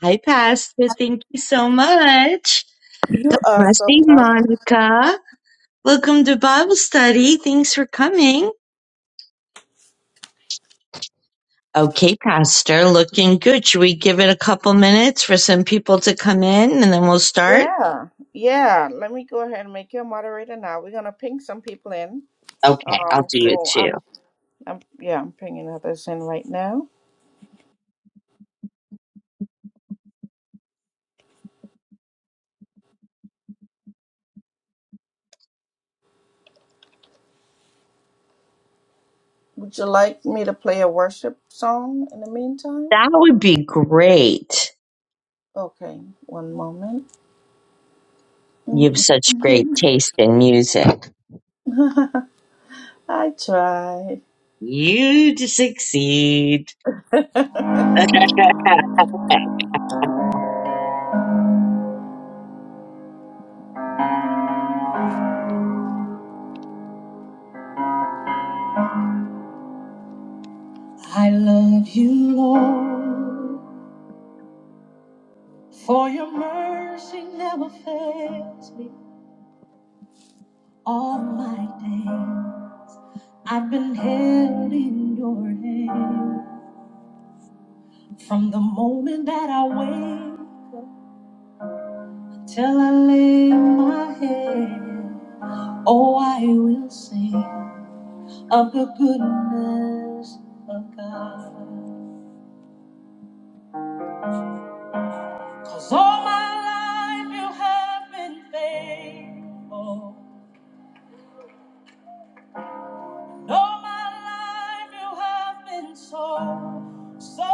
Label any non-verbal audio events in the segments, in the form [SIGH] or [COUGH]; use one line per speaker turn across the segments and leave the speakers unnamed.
Hi, Pastor. Thank you so much.
You are so
Blessing,
welcome.
Monica. Welcome to Bible study. Thanks for coming. Okay, Pastor. Looking good. Should we give it a couple minutes for some people to come in and then we'll start?
Yeah, yeah. Let me go ahead and make you a moderator now. We're gonna ping some people in.
Okay, I'll
Um,
do it
so
too.
I'm, I'm, yeah, I'm pinging others in right now. Would you like me to play a worship song in the meantime?
That would be great.
Okay, one moment.
You have such great
Mm-mm.
taste in music.
[LAUGHS] I tried.
You to succeed.
[LAUGHS] I love you, Lord, for your mercy never fails me all my days. I've been held in your hand from the moment that I wake till I lay my head. Oh, I will sing of the goodness of God, 'cause all my life you have been faithful. And all my life you have been so, so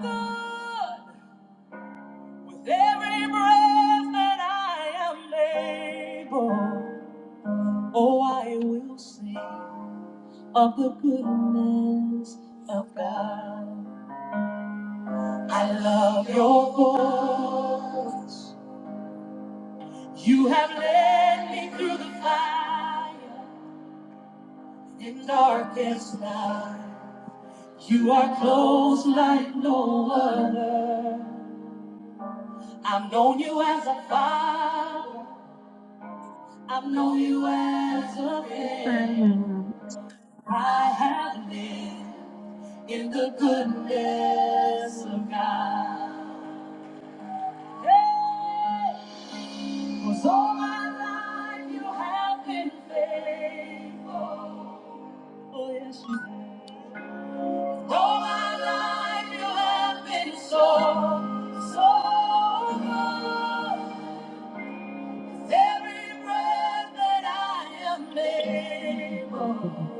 good. With every breath that I am able. Oh, I will sing of the goodness of God. I love your voice. You have led me through the fire and darkest night. You are close like no other. I've known you as a father. I've known you as a friend. I have lived. in the goodness of God. Hey! 'Cause all my life you have been faithful. Oh, yes, you have. All my life you have been so, so good. With every breath that I am able,
[LAUGHS]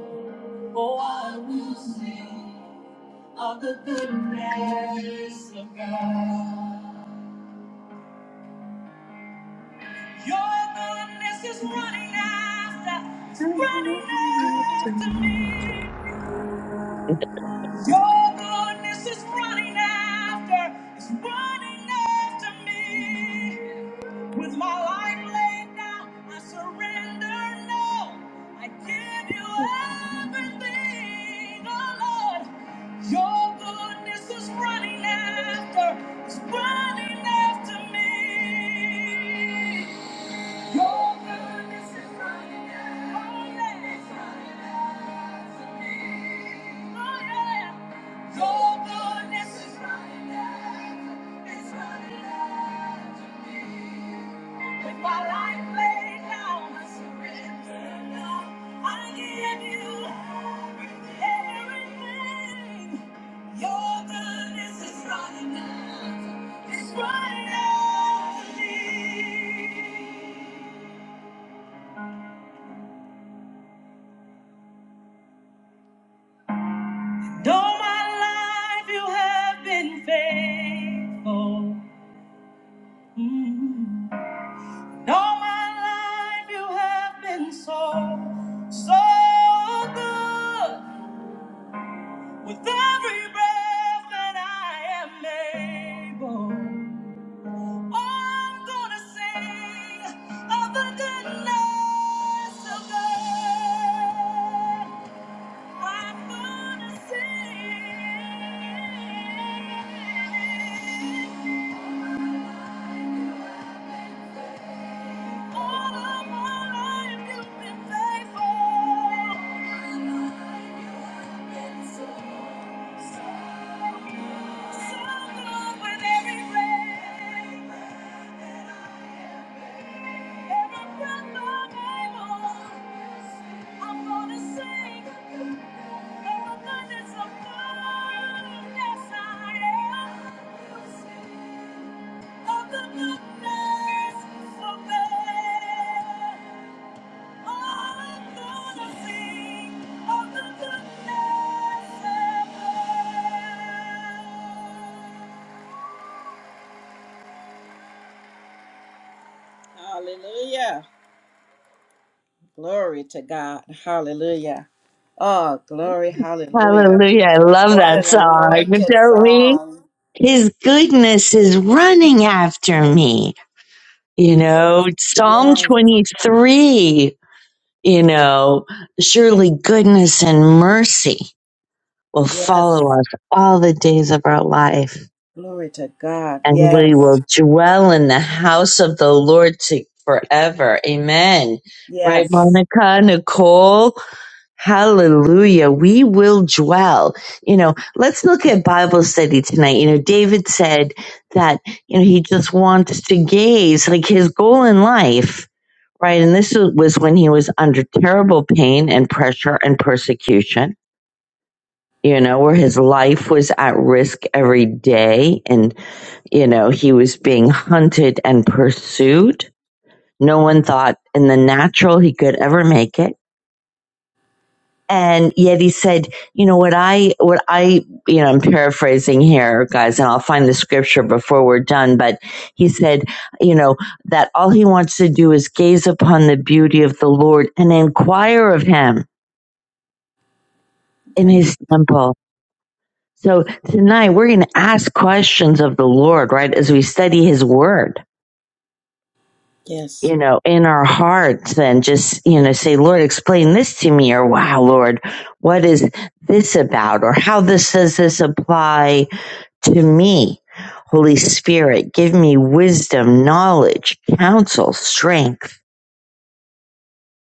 oh, I will sing of the goodness of God. Your goodness is running after, it's running after me. Your goodness is running after, it's running after me. With my life laid down, I surrender now. I give you everything, oh Lord. Your goodness is running after, it's running after me. Your goodness is running out. It's running out to me. All my life you have been faithful. Mm. Though my life you have been so, so good. With every breath that I am able, I'm gonna sing of the goodness of God. I'm gonna sing. Yes, I am. Hallelujah. Glory to God. Hallelujah. Oh, glory. Hallelujah.
Hallelujah. I love
What
that
an
song,
anointed
don't we?
song.
His goodness is running after me. You know, Psalm
Yes.
23, you know, surely goodness and mercy will
Yes.
follow us all the days of our life,
Glory to God.
and we will
Yes.
dwell in the house of the Lord to forever. Amen. Right,
Yes.
Monica, Nicole? Hallelujah. We will dwell. You know, let's look at Bible study tonight. You know, David said that, you know, he just wants to gaze, like his goal in life, right? And this was when he was under terrible pain and pressure and persecution, you know, where his life was at risk every day. And, you know, he was being hunted and pursued. No one thought in the natural he could ever make it and yet he said you know what i what i you know i'm paraphrasing here guys and i'll find the scripture before we're done but he said you know that all he wants to do is gaze upon the beauty of the lord and inquire of him in
Amen.
his temple so tonight we're going to ask questions of the lord right as we study his word
Yes.
you know in our hearts and just you know say lord explain this to me or wow lord what is this about or how this does this apply to me. Holy Spirit, give me wisdom, knowledge, counsel, strength.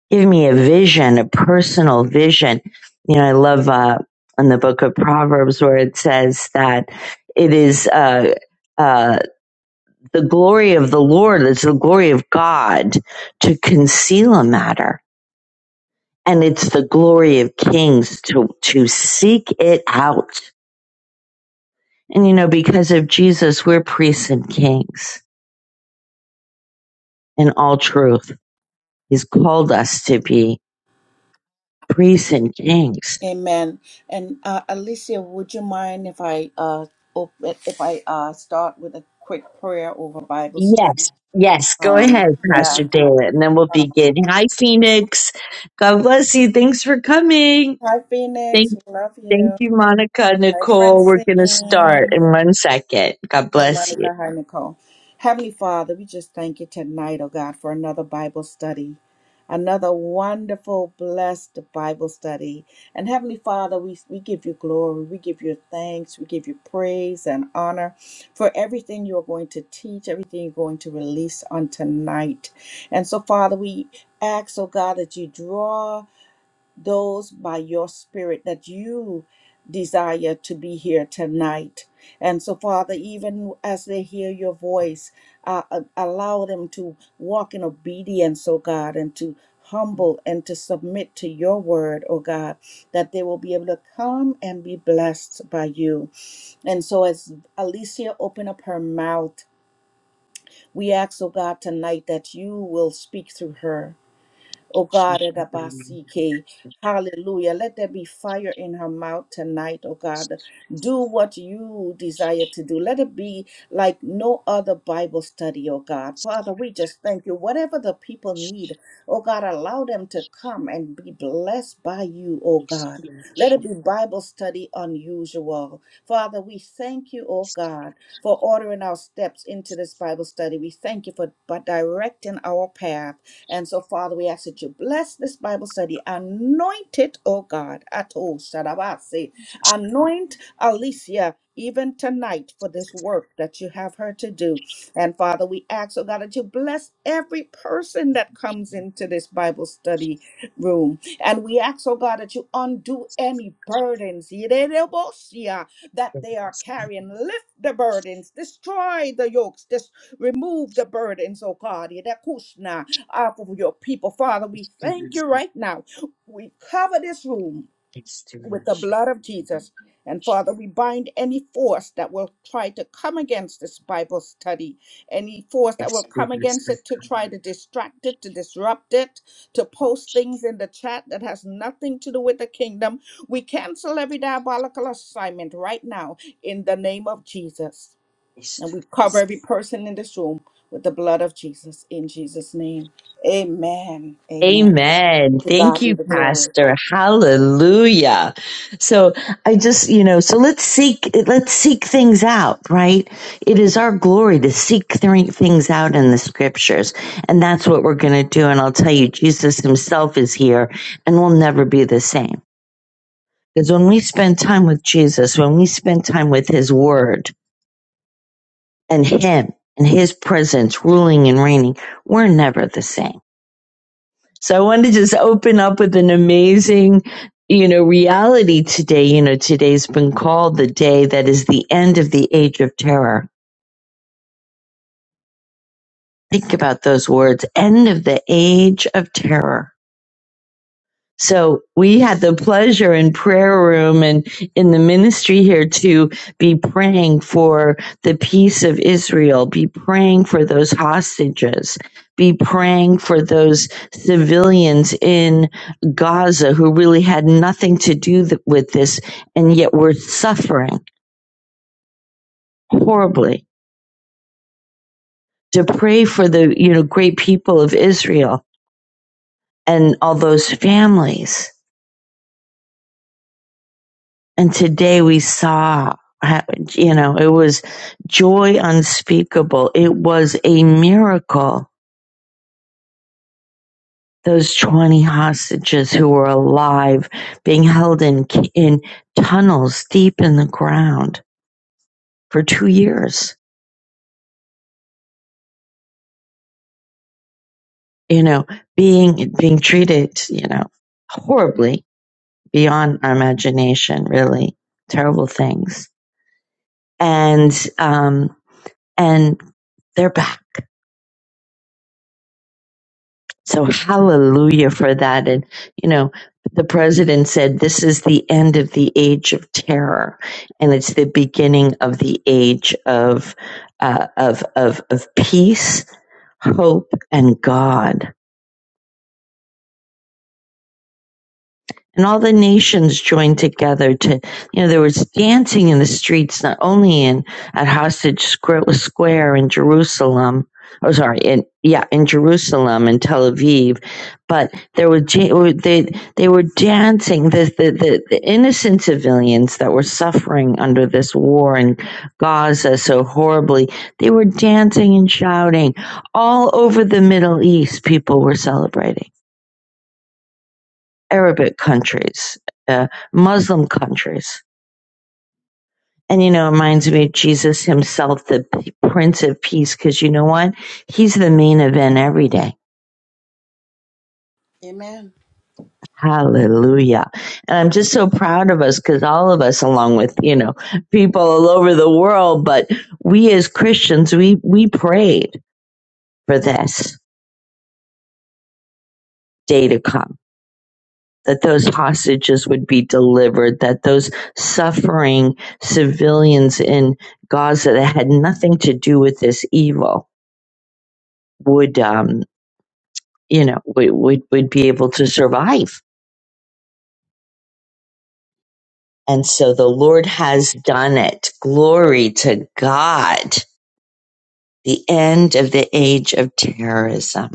Give me a vision, a personal vision. You know, I love uh, in the book of Proverbs where it says that it is uh, uh, the glory of the Lord, it's the glory of God to conceal a matter. And it's the glory of kings to, to seek it out. And you know, because of Jesus, we're priests and kings in all truth He's called us to be priests and kings.
Amen. And uh, Alicia, would you mind if I uh op- if I uh start with a quick prayer over Bible study?
Yes, yes. Go ahead,
Um,
Pastor
yeah.
David, and then we'll
Uh,
begin. Hi, Phoenix. God bless you. Thanks for coming.
hi,
Thank,
Phoenix. We love
thank
you.
you, Monica,
Hi,
Nicole. We're gonna start
Francine.
in one second. God
Hi,
bless
Monica. Hi, Nicole. Heavenly Father, we just thank you tonight, oh God, for another Bible study, another wonderful, blessed Bible study. And Heavenly Father, we, we give you glory, we give you thanks, we give you praise and honor for everything you are going to teach, everything you're going to release on tonight. And so, Father, we ask, oh God, that you draw those by your spirit that you desire to be here tonight. And so, Father, even as they hear your voice, uh, uh, allow them to walk in obedience, oh God, and to humble and to submit to your word, oh God, that they will be able to come and be blessed by you. And so, as Alicia open up her mouth, we ask, oh God, tonight that you will speak through her Oh God, at Abasike. Hallelujah. Let there be fire in her mouth tonight, oh God. Do what you desire to do. Let it be like no other Bible study, oh God. Father, we just thank you. Whatever the people need, oh God, allow them to come and be blessed by you, oh God.
you.
Let it be Bible study unusual. Father, we thank you, oh God, for ordering our steps into this Bible study. We thank you for by directing our path. And so, Father, we ask that you bless this Bible study. Anoint it, oh God. Ato Shadabase. Anoint Alicia. Even tonight, for this work that you have her to do. And Father, we ask, oh God, that you bless every person that comes into this Bible study room. And we ask, oh God, that you undo any burdens yidedebosia, that they are carrying. Lift the burdens, destroy the yokes, just remove the burdens, oh God, yidekushna, off of your people. Father, we thank you right now. We cover this room with the blood of Jesus. And Father, we bind any force that will try to come against this Bible study, any force that will come against it to try to distract it, to disrupt it, to post things in the chat that has nothing to do with the kingdom. We cancel every diabolical assignment right now in the name of Jesus. And we cover every person in this room with the blood of Jesus in Jesus' name. Amen. Amen.
Amen.
To
Thank
God be
you,
the glory.
Pastor. Hallelujah. So I just, you know, so let's seek, let's seek things out, right? It is our glory to seek three things out in the scriptures. And that's what we're going to do. And I'll tell you, Jesus himself is here and we'll never be the same. Because when we spend time with Jesus, when we spend time with his word and him and his presence ruling and reigning, we're never the same So I want to just open up with an amazing, you know, reality today. You know, today's been called the day that is the end of the age of terror. Think about those words, end of the age of terror So we had the pleasure in prayer room and in the ministry here to be praying for the peace of Israel, be praying for those hostages, be praying for those civilians in Gaza who really had nothing to do th- with this and yet were suffering horribly. To pray for the, you know, great people of Israel and all those families And today we saw, you know, it was joy unspeakable. It was a miracle. Those 20 hostages who were alive being held in, in tunnels deep in the ground for two years, you know, being, being treated, you know, horribly beyond our imagination, really terrible things. And, um, and they're back So hallelujah for that. And, you know, the president said this is the end of the age of terror and it's the beginning of the age of, uh, of, of, of peace, hope, and God. and all the nations joined together to you know there was dancing in the streets not only in at hostage square in jerusalem oh sorry in yeah in jerusalem and tel aviv but there were ja- oh, they they were dancing the, the the the innocent civilians that were suffering under this war in gaza so horribly they were dancing and shouting all over the middle east people were celebrating Arabic countries, uh, Muslim countries. And you know, it reminds me of Jesus himself, the Prince of Peace, because you know what? He's the main event every day.
Amen.
Hallelujah. And I'm just so proud of us because all of us, along with, you know, people all over the world, but we as Christians, we, we prayed for this day to come that those hostages would be delivered, that those suffering civilians in Gaza that had nothing to do with this evil would, um, you know, would, would, would be able to survive. And so the Lord has done it. Glory to God. The end of the age of terrorism.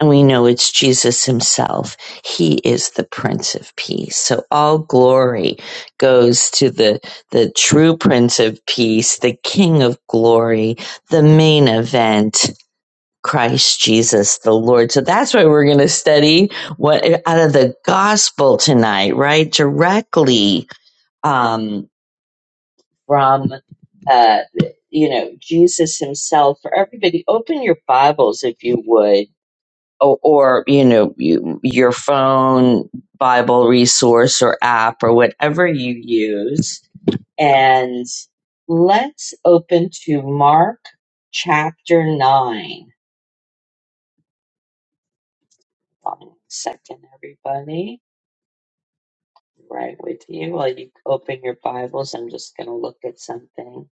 and we know it's Jesus himself. He is the Prince of Peace. So all glory goes to the, the true Prince of Peace, the King of Glory, the main event. Christ Jesus the Lord. So that's why we're going to study what out of the gospel tonight, right? Directly um from uh you know, Jesus himself. For everybody, open your Bibles if you would or, or you know you, your phone bible resource or app or whatever you use and let's open to mark chapter 9 Hold on a second everybody right with you while you open your bibles i'm just going to look at something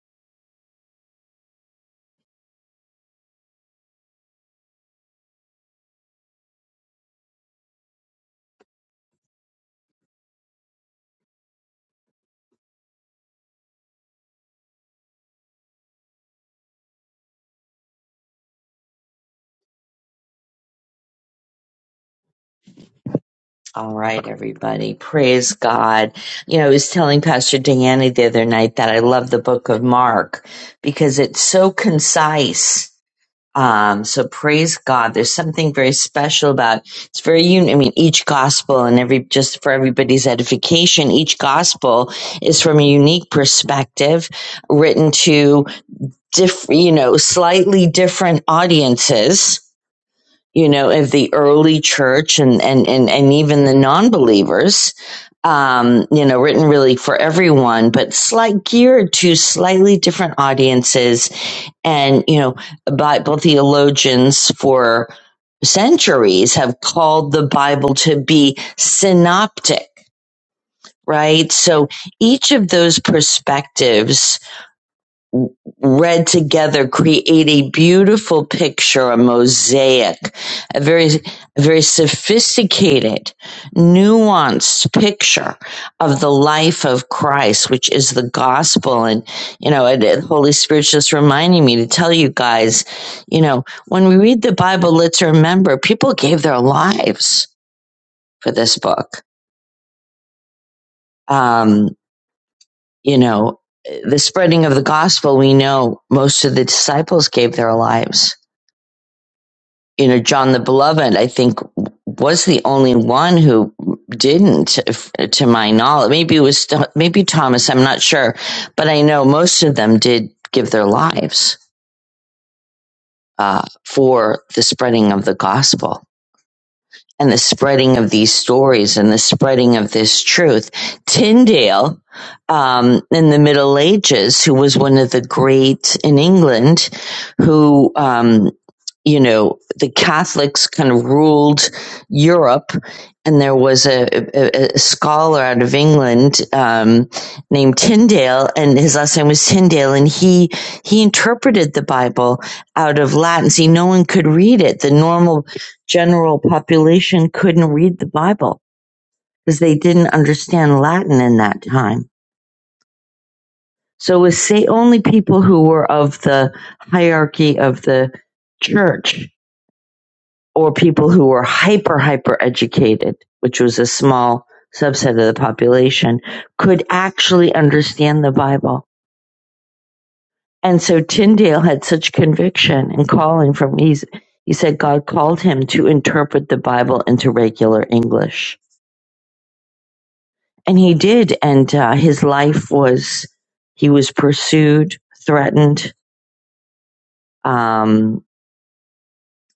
all right everybody praise god you know i was telling pastor diana the other night that i love the book of mark because it's so concise Um, so praise God. There's something very special about it's very un- I mean, each gospel and every just for everybody's edification, each gospel is from a unique perspective, written to diff, you know, slightly different audiences. You know, of the early church and and and and even the non-believers. Um, you know, written really for everyone, but slight geared to slightly different audiences and, you know, Bible theologians for centuries have called the Bible to be synoptic, right? So each of those perspectives read together create a beautiful picture, a mosaic, a very, a very sophisticated, nuanced picture of the life of Christ, which is the gospel. And, you know, and, and Holy Spirit's just reminding me to tell you guys, you know, when we read the Bible, let's remember people gave their lives for this book. Um, you know, the spreading of the gospel, we know most of the disciples gave their lives you know, John the Beloved, I think, was the only one who didn't, if, to my knowledge. Maybe it was, maybe Thomas, I'm not sure. But I know most of them did give their lives uh, for the spreading of the gospel and the spreading of these stories and the spreading of this truth. Tyndale, um, in the Middle Ages, who was one of the great in England, who, um, you know, the Catholics kind of ruled Europe. And there was a, a, a scholar out of England um, named Tyndale, and his last name was Tyndale, and he he interpreted the Bible out of Latin. See, no one could read it. The normal general population couldn't read the Bible because they didn't understand Latin in that time. So it was say only people who were of the hierarchy of the church or people who were hyper hyper educated, which was a small subset of the population, could actually understand the Bible. And so Tyndale had such conviction and calling from he's he said God called him to interpret the Bible into regular English and he did and uh, his life was he was pursued threatened um,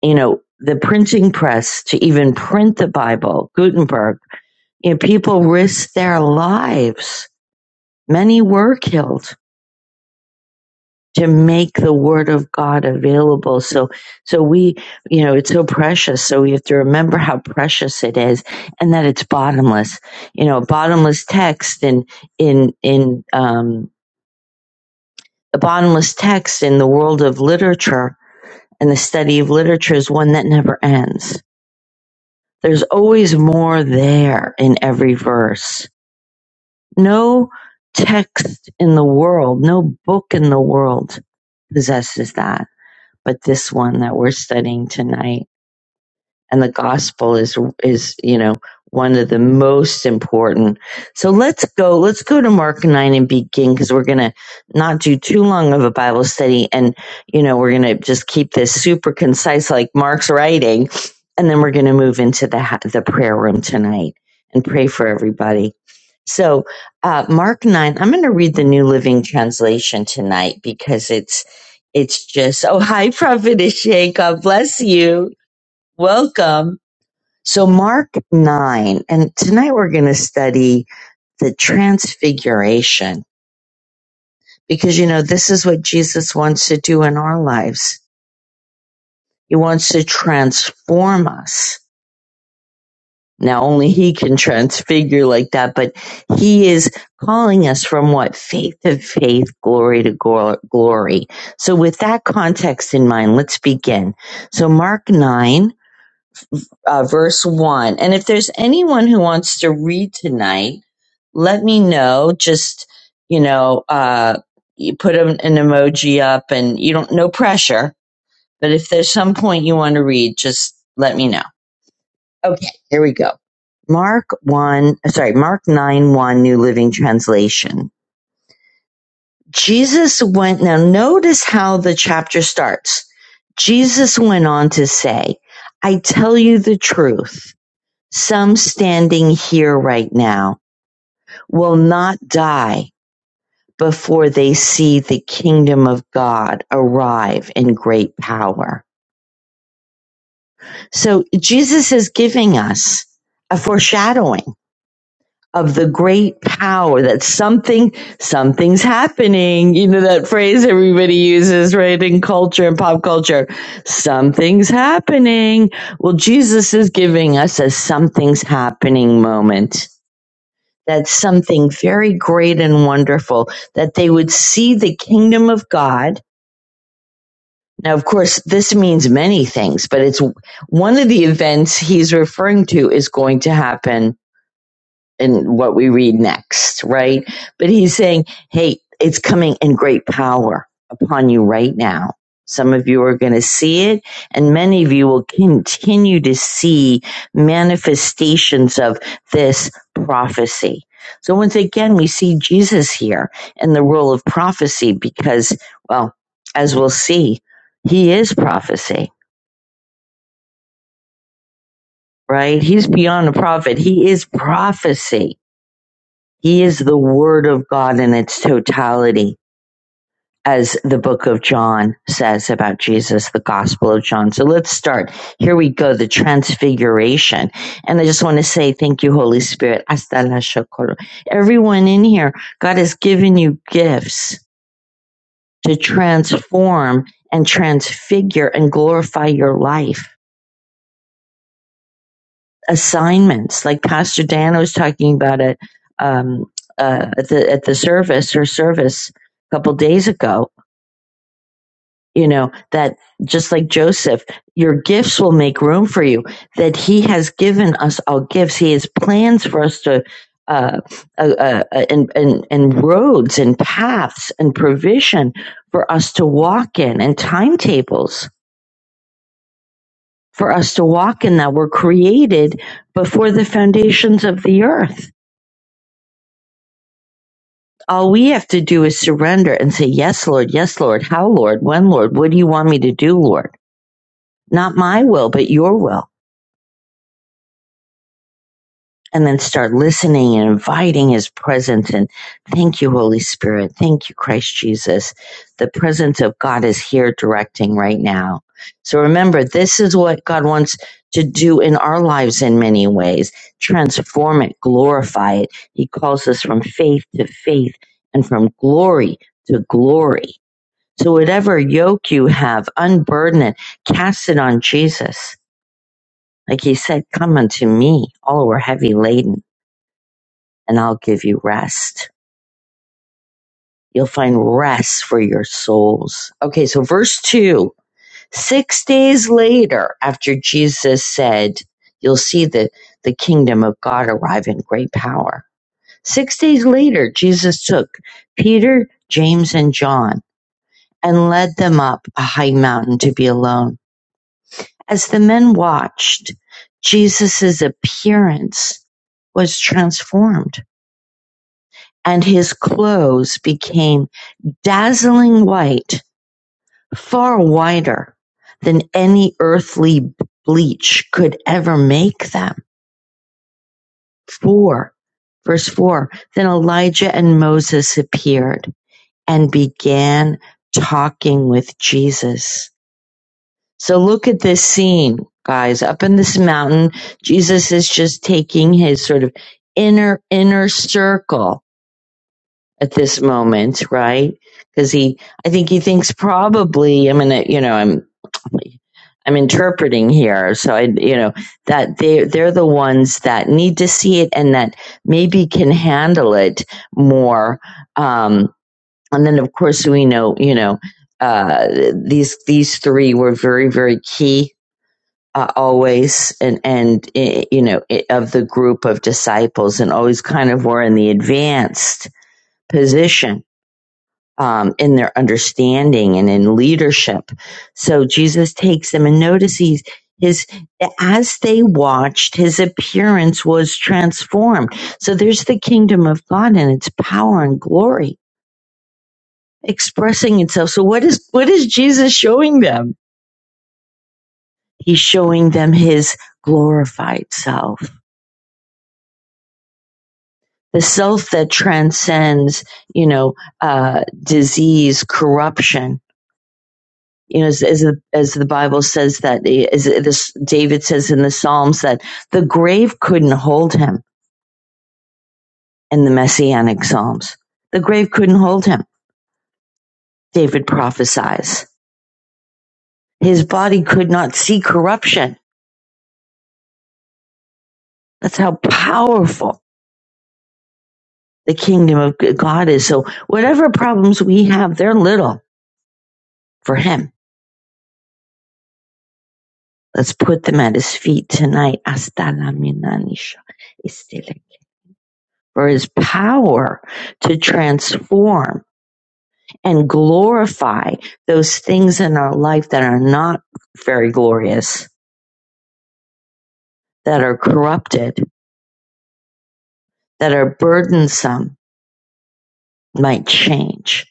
you know the printing press to even print the bible gutenberg you know, people risked their lives many were killed to make the word of god available so so we you know it's so precious so we have to remember how precious it is and that it's bottomless you know bottomless text in in in um The bottomless text in the world of literature and the study of literature is one that never ends. There's always more there in every verse. No text in the world, no book in the world possesses that, but this one that we're studying tonight. and the gospel is is you know one of the most important so let's go let's go to mark 9 and begin because we're gonna not do too long of a bible study and you know we're gonna just keep this super concise like mark's writing and then we're gonna move into the the prayer room tonight and pray for everybody so uh, mark 9 i'm gonna read the new living translation tonight because it's it's just oh hi prophet ishay god bless you welcome so, Mark 9, and tonight we're going to study the transfiguration because, you know, this is what Jesus wants to do in our lives. He wants to transform us. Now, only He can [LAUGHS] transfigure like that, but He is calling us from what? Faith to faith, glory to glory. So, with that context in mind, let's begin. So, Mark 9, uh, verse 1. And if there's anyone who wants to read tonight, let me know. Just, you know, uh, you put an, an emoji up and you don't, no pressure. But if there's some point you want to read, just let me know. Okay, here we go. Mark 1, sorry, Mark 9 1, New Living Translation. Jesus went, now notice how the chapter starts. Jesus went on to say, I tell you the truth. Some standing here right now will not die before they see the kingdom of God arrive in great power. So Jesus is giving us a foreshadowing of the great power that something, something's happening. You know, that phrase everybody uses, right? In culture and pop culture, something's happening. Well, Jesus is giving us a something's happening moment. That's something very great and wonderful that they would see the kingdom of God Now, of course, this means many things, but it's one of the events he's referring to is going to happen in what we read next, right? But he's saying, hey, it's coming in great power upon you right now. Some of you are going to see it, and many of you will continue to see manifestations of this prophecy. So, once again, we see Jesus here in the role of prophecy because, well, as we'll see, he is prophecy, right? He's beyond a prophet, he is prophecy. He is the Word of God in its totality, as the book of John says about Jesus, the Gospel of John. So let's start. Here we go, the transfiguration. And I just want to say thank you, Holy Spirit. Hasta la shokoro. Everyone in here, God has given you gifts to transform and transfigure and glorify your life. assignments. Like Pastor Dan was talking about it um, uh, at the at the service her service a couple days ago. You know that just like Joseph, your gifts will make room for you. That He has given us all gifts. He has plans for us to. Uh, uh, uh, and, and and roads and paths and provision for us to walk in and timetables for us to walk in that were created before the foundations of the earth All we have to do is surrender and say, Yes, Lord, yes, Lord, how, Lord, when, Lord, what do you want me to do, Lord? Not my will, but your will. And then start listening and inviting his presence. And thank you, Holy Spirit. Thank you, Christ Jesus. The presence of God is here directing right now. So remember, this is what God wants to do in our lives in many ways transform it, glorify it. He calls us from faith to faith and from glory to glory. So whatever yoke you have, unburden it, cast it on Jesus. Like he said, come unto me, all who are heavy laden, and I'll give you rest. You'll find rest for your souls. Okay, so verse two. Six days later, after Jesus said, you'll see the, the kingdom of God arrive in great power. Six days later, Jesus took Peter, James, and John and led them up a high mountain to be alone. As the men watched, Jesus' appearance was transformed, and his clothes became dazzling white, far whiter than any earthly bleach could ever make them. Four, verse four, then Elijah and Moses appeared and began talking with Jesus. So look at this scene, guys. Up in this mountain, Jesus is just taking his sort of inner inner circle at this moment, right? Because he, I think he thinks probably. I'm gonna, you know, I'm, I'm interpreting here. So I, you know, that they they're the ones that need to see it and that maybe can handle it more. Um, and then of course we know, you know, uh, these these three were very very key uh, always and and eh, you know eh, of the group of disciples and always kind of were in the advanced position um, in their understanding and in leadership so jesus takes them and notices his as they watched his appearance was transformed so there's the kingdom of god and its power and glory expressing itself so what is what is jesus showing them he's showing them his glorified self the self that transcends, you know, uh, disease, corruption. You know, as, as the as the Bible says that, as this David says in the Psalms that the grave couldn't hold him in the Messianic Psalms. The grave couldn't hold him. David prophesies his body could not see corruption. That's how powerful the kingdom of God is. So whatever problems we have, they're little for him Let's put them at his feet tonight. Hasta la minanisha estele. For his power to transform and glorify those things in our life that are not very glorious, that are corrupted, that are burdensome, might change.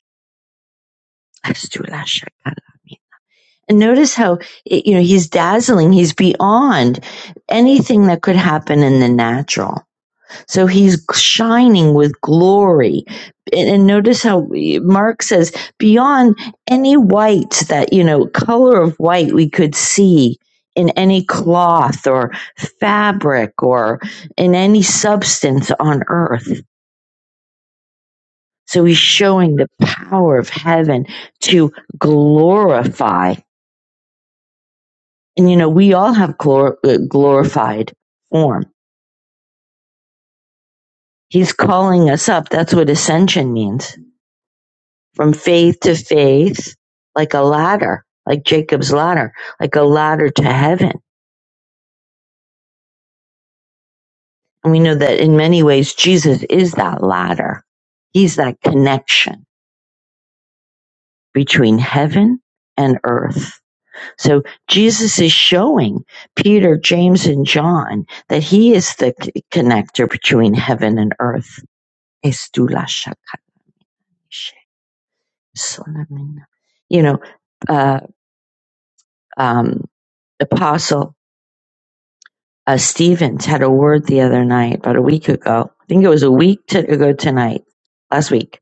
Astula shakala. And notice how, you know, he's dazzling. He's beyond anything that could happen in the natural So he's shining with glory. And, notice how Mark says, beyond any white that, you know, color of white we could see in any cloth or fabric or in any substance on earth. So he's showing the power of heaven to glorify. And, you know, we all have glor- uh, glorified form. He's calling us up. That's what ascension means from faith to faith, like a ladder, like Jacob's ladder, like a ladder to heaven. And we know that in many ways, Jesus is that ladder. He's that connection between heaven and earth. So Jesus is showing Peter, James, and John that he is the connector between heaven and earth. You know, uh, um, apostle uh, Stevens had a word the other night, about a week ago. I think it was a week to, ago tonight, last week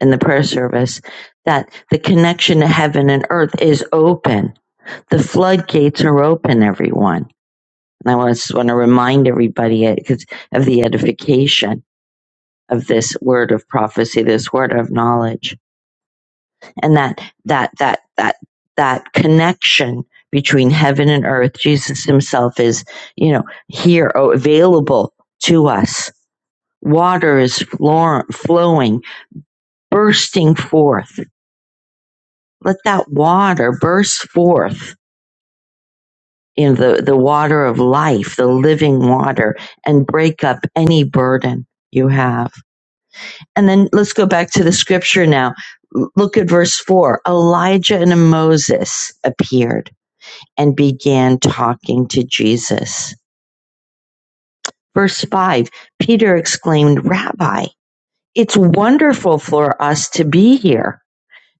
in the prayer service, that the connection to heaven and earth is open. The floodgates are open, everyone. And I just want to remind everybody uh, 'cause of the edification of this word of prophecy, this word of knowledge and that that that that that connection between heaven and earth jesus himself is you know here oh, available to us water is flowing bursting forth let that water burst forth in the, the water of life the living water and break up any burden you have and then let's go back to the scripture now look at verse 4 elijah and moses appeared and began talking to Jesus. Verse 5 Peter exclaimed, Rabbi, it's wonderful for us to be here.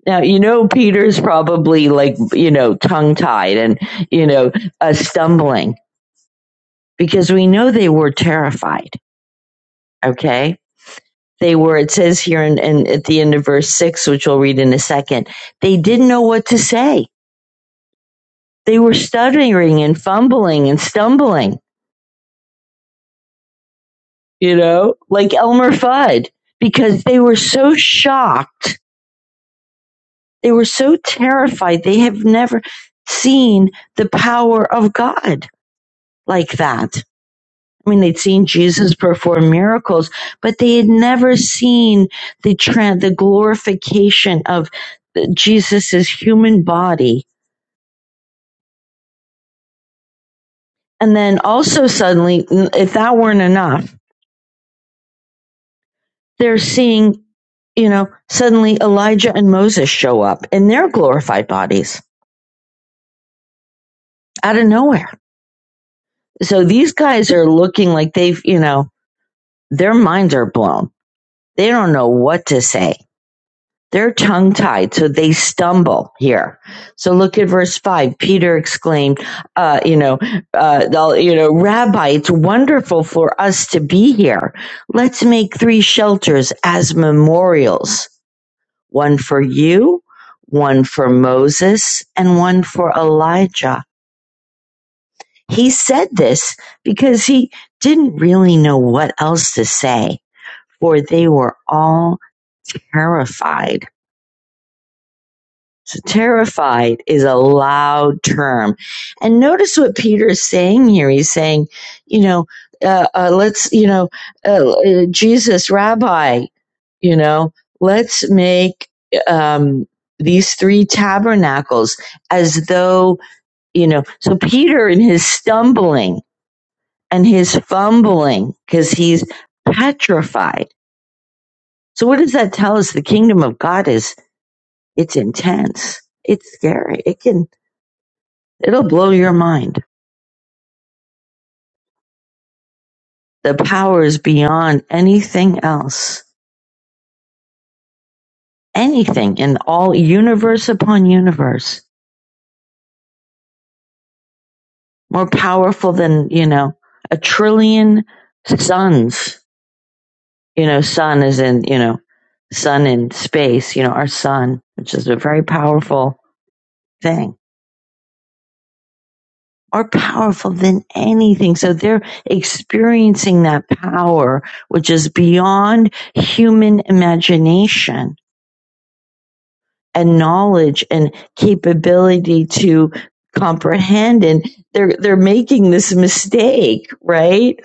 Now, you know, Peter's probably like, you know, tongue tied and, you know, uh, stumbling because we know they were terrified. Okay. They were, it says here in, in, at the end of verse six, which we'll read in a second, they didn't know what to say. They were stuttering and fumbling and stumbling you know, like Elmer Fudd, because they were so shocked. They were so terrified. They have never seen the power of God like that. I mean, they'd seen Jesus perform miracles, but they had never seen the tran the glorification of Jesus's human body. And then also suddenly, if that weren't enough, they're seeing, you know, suddenly Elijah and Moses show up in their glorified bodies out of nowhere. So these guys are looking like they've, you know, their minds are blown. They don't know what to say. They're tongue tied, so they stumble here. So look at verse five. Peter exclaimed, uh, you know, uh, you know, Rabbi, it's wonderful for us to be here. Let's make three shelters as memorials. One for you, one for Moses, and one for Elijah He said this because he didn't really know what else to say, for they were all terrified. So, terrified is a loud term. And notice what Peter is saying here. He's saying, you know, uh, uh, let's, you know, uh, uh, Jesus, Rabbi, you know, let's make um, these three tabernacles as though, you know, so Peter in his stumbling and his fumbling because he's petrified. So what does that tell us? The kingdom of God is it's intense. It's scary. It can it'll blow your mind. The power is beyond anything else. Anything in all universe upon universe. More powerful than, you know, a trillion suns. You know, sun is in, you know, sun in space, you know, our sun, which is a very powerful thing are powerful than anything. So they're experiencing that power, which is beyond human imagination and knowledge and capability to comprehend. And they're, they're making this mistake, right?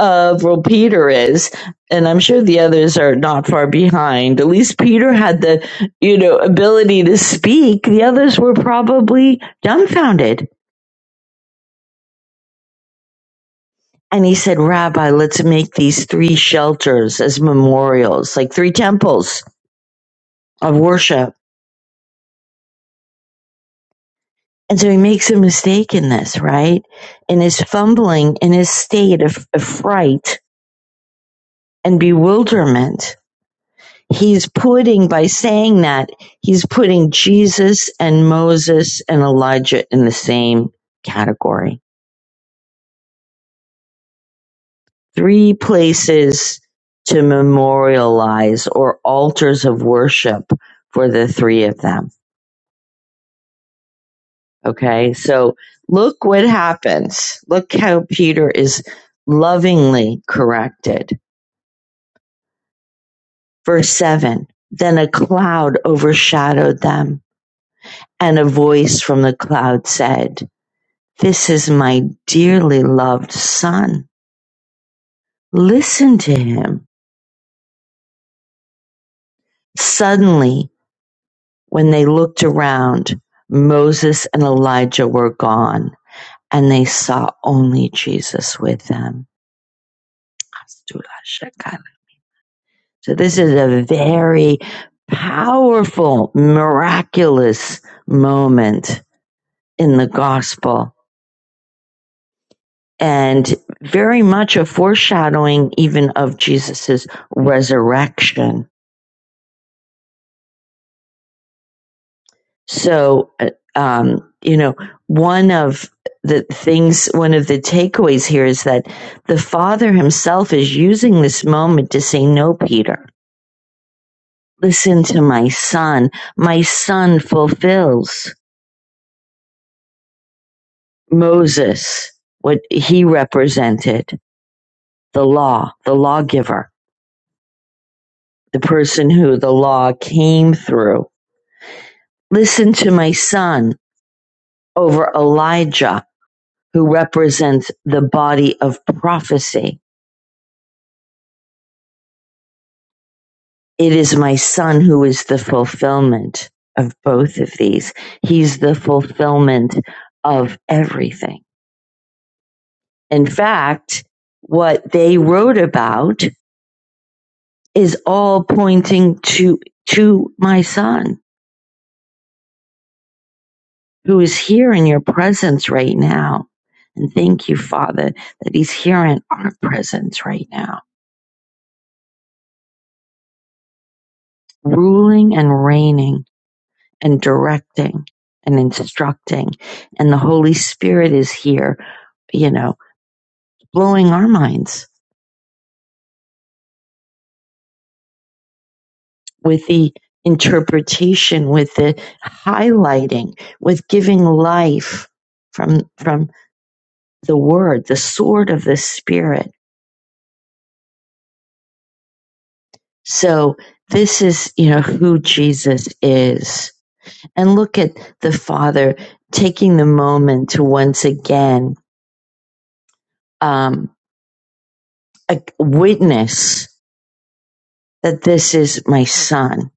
Of well, Peter is, and I'm sure the others are not far behind. At least Peter had the, you know, ability to speak. The others were probably dumbfounded And he said, Rabbi, let's make these three shelters as memorials, like three temples of worship. And so he makes a mistake in this, right? In his fumbling, in his state of, of fright and bewilderment, he's putting, by saying that, he's putting Jesus and Moses and Elijah in the same category. Three places to memorialize or altars of worship for the three of them Okay, so look what happens. Look how Peter is lovingly corrected. Verse 7 Then a cloud overshadowed them, and a voice from the cloud said, This is my dearly loved son. Listen to him. Suddenly, when they looked around, Moses and Elijah were gone, and they saw only Jesus with them. So this is a very powerful, miraculous moment in the gospel and very much a foreshadowing even of Jesus's resurrection. So, uh, um, you know, one of the things, one of the takeaways here is that the Father himself is using this moment to say, no, Peter, listen to my son. My son fulfills. Moses, what he represented, the law, the lawgiver, the person who the law came through. Listen to my son over Elijah, who represents the body of prophecy. It is my son who is the fulfillment of both of these. He's the fulfillment of everything. In fact, what they wrote about is all pointing to, to my son who is here in your presence right now. And thank you, Father, that he's here in our presence right now, ruling and reigning and directing and instructing. And the Holy Spirit is here, you know, blowing our minds with the interpretation, with the highlighting, with giving life from, from the word, the sword of the spirit. So this is, you know, who Jesus is And look at the Father taking the moment to once again um, a- witness that this is my son.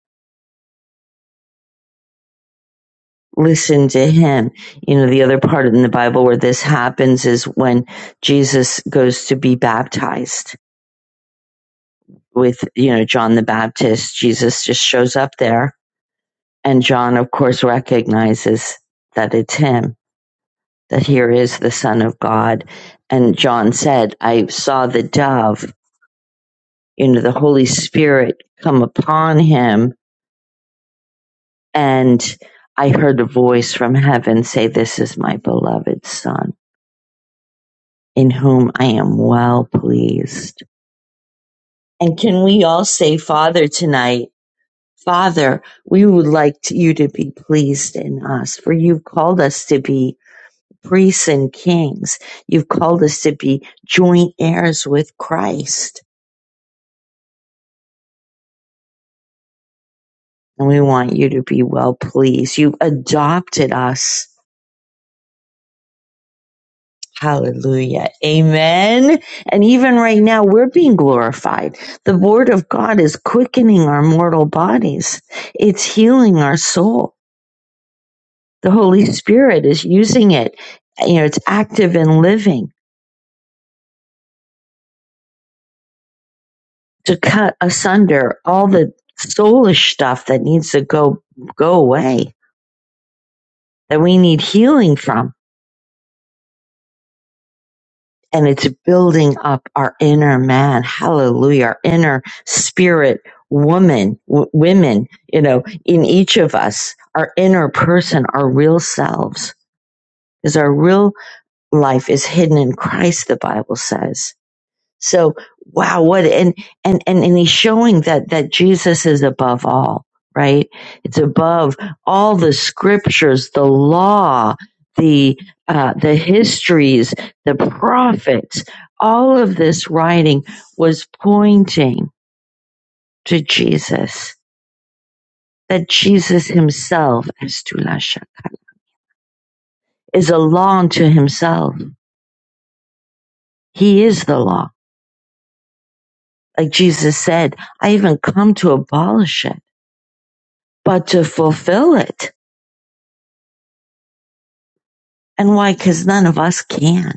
Listen to him. You know, the other part in the Bible where this happens is when Jesus goes to be baptized with, you know, John the Baptist. Jesus just shows up there. And John, of course, recognizes that it's him, that here is the Son of God. And John said, I saw the dove you know, the Holy Spirit come upon him. And I heard a voice from heaven say, This is my beloved Son, in whom I am well pleased. And can we all say, Father, tonight, Father, we would like to- you to be pleased in us, for you've called us to be priests and kings. You've called us to be joint heirs with Christ. And we want you to be well pleased. You've adopted us Hallelujah. Amen. And even right now, we're being glorified. The Word of God is quickening our mortal bodies, it's healing our soul. The Holy Spirit is using it. You know, it's active and living to cut asunder all the soulish stuff that needs to go go away that we need healing from and it's building up our inner man. Hallelujah. Our inner spirit woman, w- women, you know, in each of us, our inner person, our real selves is our real life is hidden in Christ, the Bible says. So wow, what and and and and he's showing that that Jesus is above all, right? It's above all the scriptures, the law, the uh, the histories, the prophets. All of this writing was pointing to Jesus. That Jesus Himself, Estula Shaka, is a law unto Himself. He is the law. Like Jesus said, I even come to abolish it but to fulfill it. And why? Because none of us can.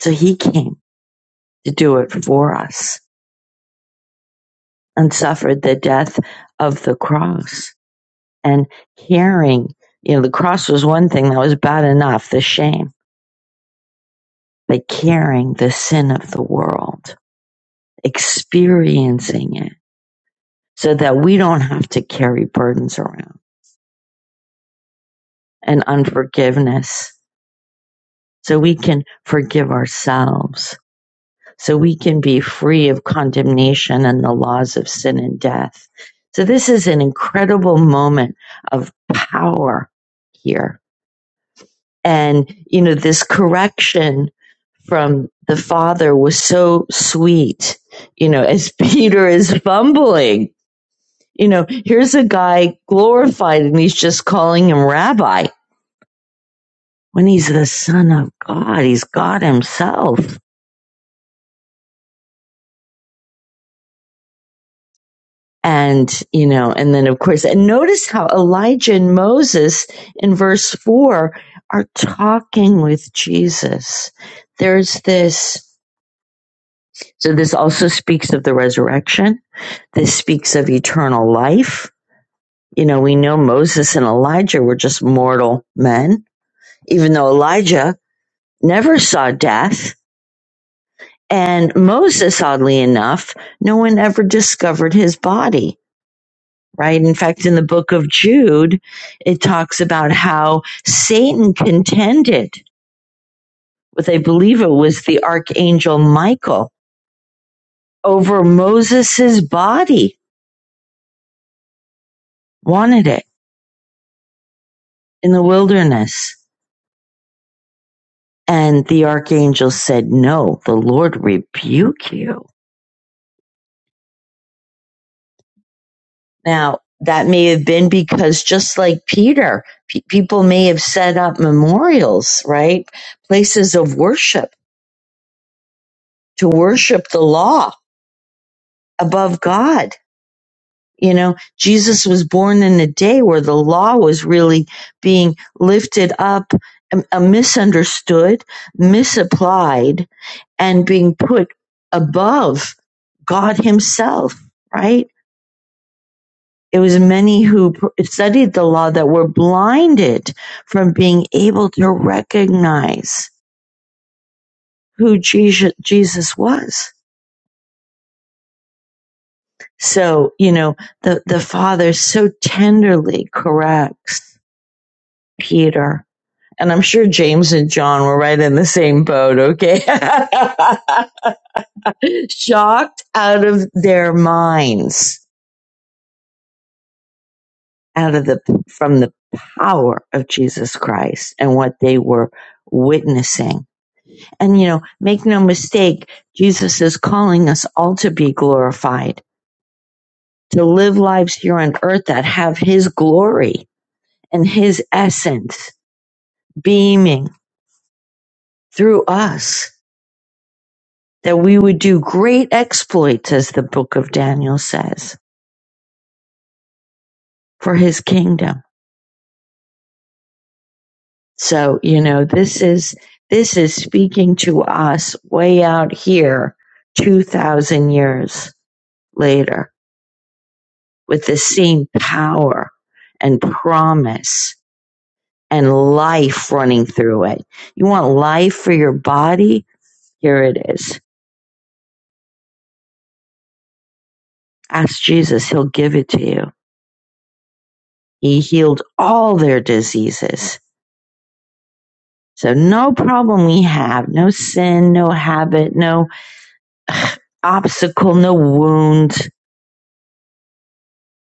So he came to do it for us and suffered the death of the cross and carrying, you know, the cross was one thing that was bad enough, the shame, but carrying the sin of the world, experiencing it so that we don't have to carry burdens around and unforgiveness. So we can forgive ourselves so we can be free of condemnation and the laws of sin and death. So this is an incredible moment of power here. And, you know, this correction from the father was so sweet, you know, as [LAUGHS] Peter is fumbling, you know, here's a guy glorified and he's just calling him rabbi when he's the son of God. He's God himself And, you know, and then of course, and notice how Elijah and Moses in verse four are talking with Jesus. There's this, so this also speaks of the resurrection. This speaks of eternal life. You know, we know Moses and Elijah were just mortal men, even though Elijah never saw death. And Moses, oddly enough, no one ever discovered his body. right? In fact, in the book of Jude, it talks about how Satan contended with, I believe it was the archangel Michael over Moses's body, wanted it in the wilderness. And the archangel said, no, the Lord rebuke you. Now, that may have been because just like Peter, pe- people may have set up memorials, right? Places of worship to worship the law above God You know, Jesus was born in a day where the law was really being lifted up, um, uh, misunderstood, misapplied, and being put above God Himself, right? It was many who studied the law that were blinded from being able to recognize who Jesus was. So, you know, the, the Father so tenderly corrects Peter And I'm sure James and John were right in the same boat, okay? [LAUGHS] Shocked out of their minds, out of the, from the power of Jesus Christ and what they were witnessing. And you know, make no mistake, Jesus is calling us all to be glorified, to live lives here on earth that have his glory and his essence beaming through us that we would do great exploits, as the book of Daniel says, for his kingdom. So, you know, this is, this is speaking to us way out here, 2000 years later with the same power and promise and life running through it. You want life for your body? Here it is. Ask Jesus. He'll give it to you. He healed all their diseases So no problem we have, no sin, no habit, no ugh, obstacle, no wound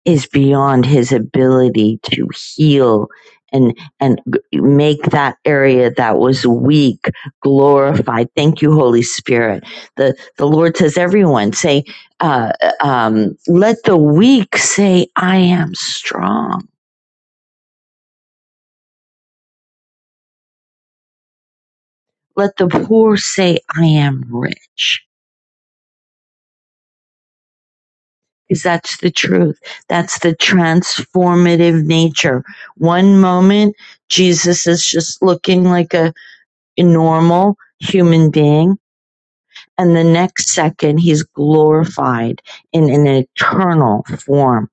is beyond his ability to heal and and make that area that was weak glorified. Thank you, Holy Spirit. The the Lord says, everyone say, uh, um, let the weak say, I am strong. Let the poor say, I am rich. because that's the truth. That's the transformative nature. One moment, Jesus is just looking like a, a normal human being. And the next second, he's glorified in an eternal form.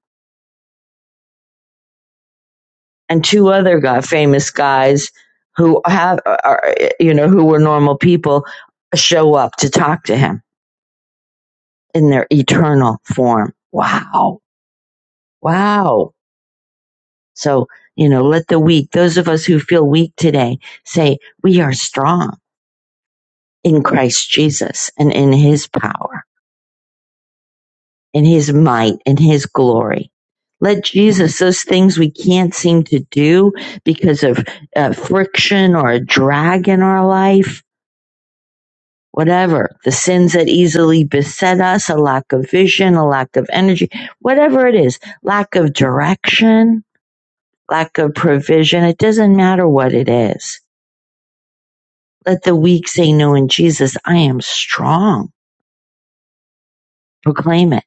And two other guy, famous guys who have, are, you know, who were normal people show up to talk to him in their eternal form. Wow. Wow. So, you know, let the weak, those of us who feel weak today, say, we are strong in Christ Jesus and in his power, in his might, in his glory. Let Jesus, those things we can't seem to do because of uh, friction or a drag in our life, whatever, the sins that easily beset us, a lack of vision, a lack of energy, whatever it is, lack of direction, lack of provision, it doesn't matter what it is Let the weak say no in Jesus. I am strong. Proclaim it.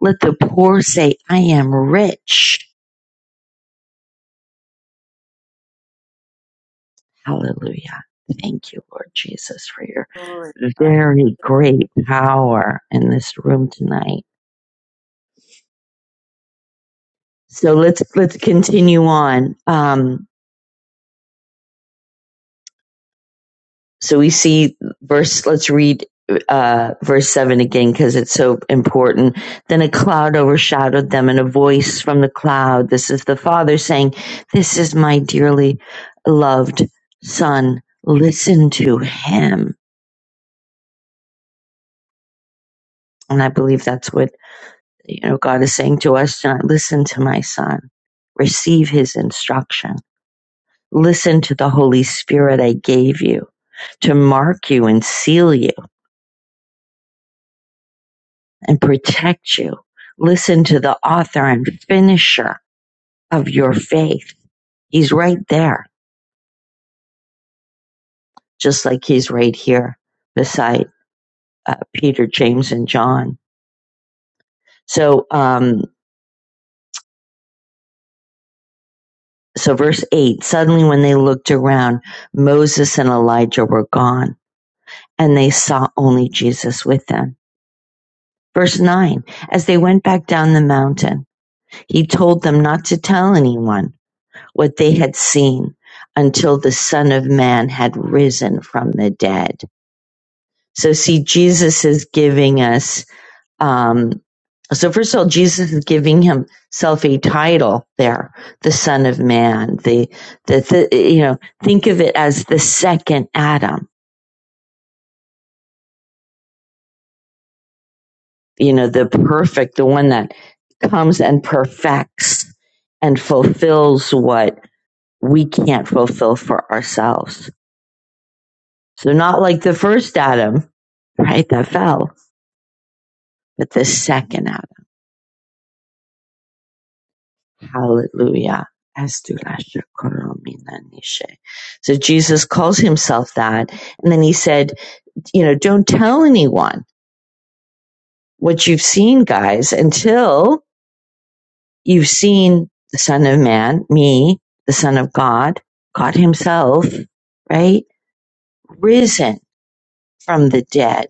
Let the poor say, I am rich. Hallelujah. Thank you, Lord Jesus, for your
Glory.
very great power in this room tonight. So let's let's continue on. Um, So we see verse, let's read uh, verse 7 again because it's so important. Then a cloud overshadowed them, and a voice from the cloud, this is the Father saying, This is my dearly loved Son. Listen to him. And I believe that's what you know God is saying to us tonight. Listen to my son. Receive his instruction. Listen to the Holy Spirit I gave you to mark you and seal you and protect you. Listen to the author and finisher of your faith. He's right there, just like he's right here beside uh, Peter, James, and John. So, um, so verse eight, suddenly when they looked around, Moses and Elijah were gone and they saw only Jesus with them. Verse nine, as they went back down the mountain, he told them not to tell anyone what they had seen until the Son of Man had risen from the dead. So, see, Jesus is giving us, um, so first of all, Jesus is giving himself a title there, the Son of Man. The, the, the, you know, think of it as the second Adam, you know, the perfect, the one that comes and perfects and fulfills what we can't fulfill for ourselves. So not like the first Adam, right, that fell, but the second Adam. Hallelujah. So Jesus calls himself that. And then he said, you know, don't tell anyone what you've seen, guys, until you've seen the son of man, me, the son of God, God himself, right? Risen from the dead.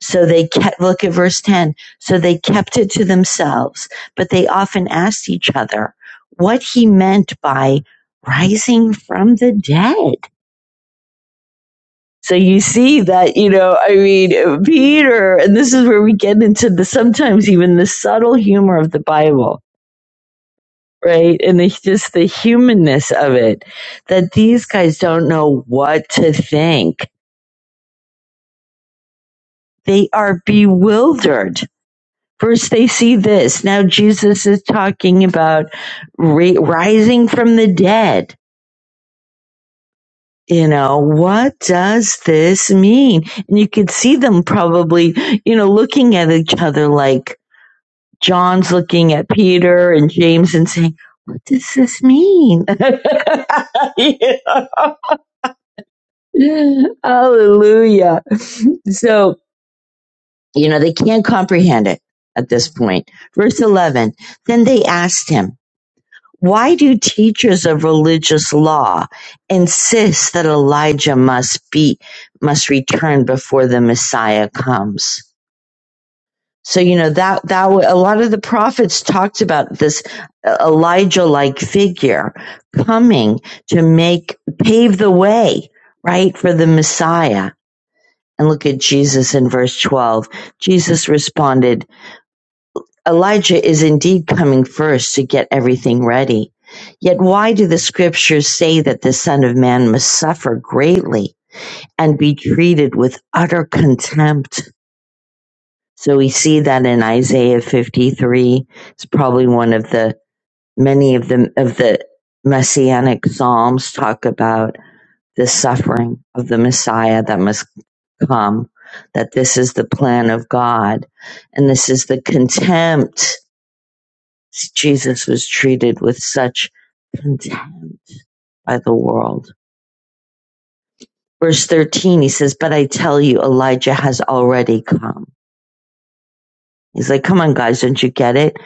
So they kept, look at verse 10. So they kept it to themselves, but they often asked each other what he meant by rising from the dead. So you see that, you know, I mean, Peter, and this is where we get into the sometimes even the subtle humor of the Bible, right? And it's just the humanness of it that these guys don't know what to think. They are bewildered First, they see this. Now, Jesus is talking about ra- rising from the dead. You know, what does this mean? And you could see them probably, you know, looking at each other like John's looking at Peter and James and saying, what does this mean? [LAUGHS] You know? Hallelujah. So, you know, they can't comprehend it at this point. Verse 11, then they asked him, Why do teachers of religious law insist that Elijah must be must return before the Messiah comes? So you know that that a lot of the prophets talked about this Elijah like figure coming to make pave the way, right, for the Messiah. And look at Jesus in verse 12. Jesus responded, Elijah is indeed coming first to get everything ready. Yet why do the scriptures say that the Son of Man must suffer greatly and be treated with utter contempt? So we see that in Isaiah 53. It's probably one of the many of the, of the messianic psalms talk about the suffering of the Messiah that must come, that this is the plan of God and this is the contempt Jesus was treated with such contempt by the world. Verse 13, he says, But I tell you, Elijah has already come. He's like, Come on, guys, don't you get it?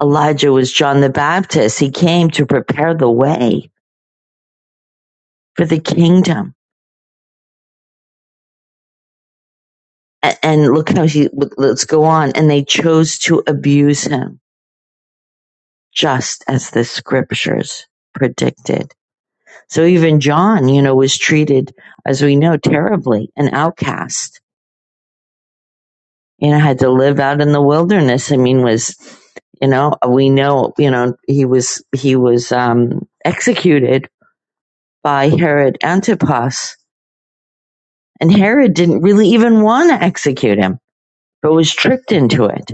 Elijah was John the Baptist. He came to prepare the way for the kingdom. And look how he, let's go on. And they chose to abuse him, just as the scriptures predicted. So even John, you know, was treated, as we know, terribly, an outcast you know, had to live out in the wilderness. I mean, was, you know, we know, you know, he was, he was, um, executed by Herod Antipas and Herod didn't really even want to execute him, but was tricked into it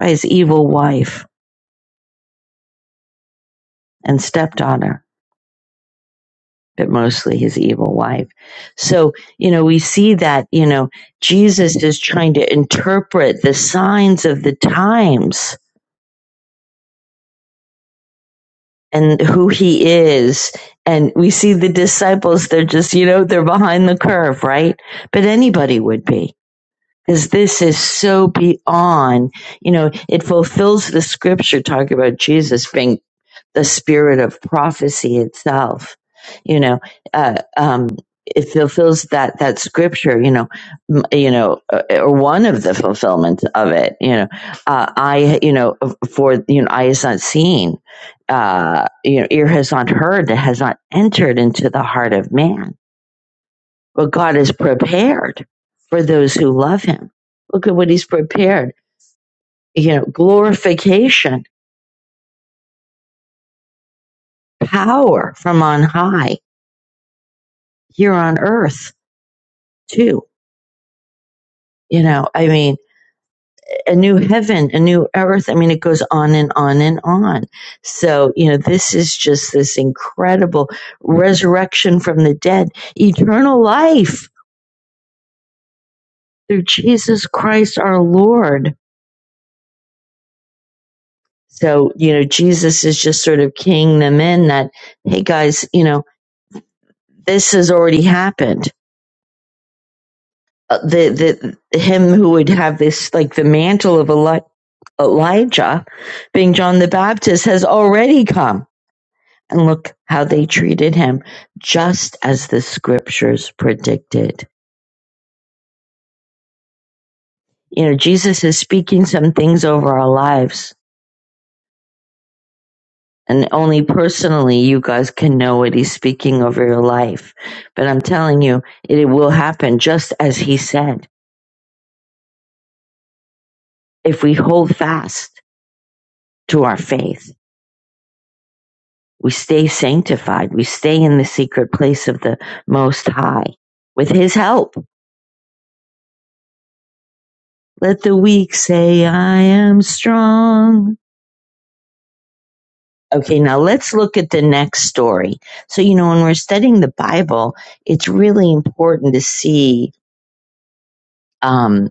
by his evil wife and stepdaughter, but mostly his evil wife. So, you know, we see that, you know, Jesus is trying to interpret the signs of the times and who he is. And we see the disciples, they're just, you know, they're behind the curve, right? But anybody would be. Because this is so beyond, you know, it fulfills the scripture talking about Jesus being the spirit of prophecy itself. You know, uh, um, it fulfills that that scripture. You know, m- you know, uh, or one of the fulfillments of it. You know, uh, I, you know, uh, for you know, eye is not seen, uh, you know, ear has not heard, it has not entered into the heart of man. But God is prepared for those who love Him. Look at what He's prepared. You know, glorification, power from on high here on earth too. You know, I mean, a new heaven, a new earth. I mean, it goes on and on and on. So, you know, this is just this incredible resurrection from the dead, eternal life through Jesus Christ our Lord. So, you know, Jesus is just sort of keying them in that, hey guys, you know, this has already happened. Uh, the, the, him who would have this, like the mantle of Eli- Elijah being John the Baptist has already come And look how they treated him, just as the scriptures predicted. You know, Jesus is speaking some things over our lives, and only personally you guys can know what he's speaking over your life. But I'm telling you, it will happen just as he said. If we hold fast to our faith, we stay sanctified, we stay in the secret place of the Most High with his help. Let the weak say, I am strong. Okay, now let's look at the next story. So, you know, when we're studying the Bible, it's really important to see, um,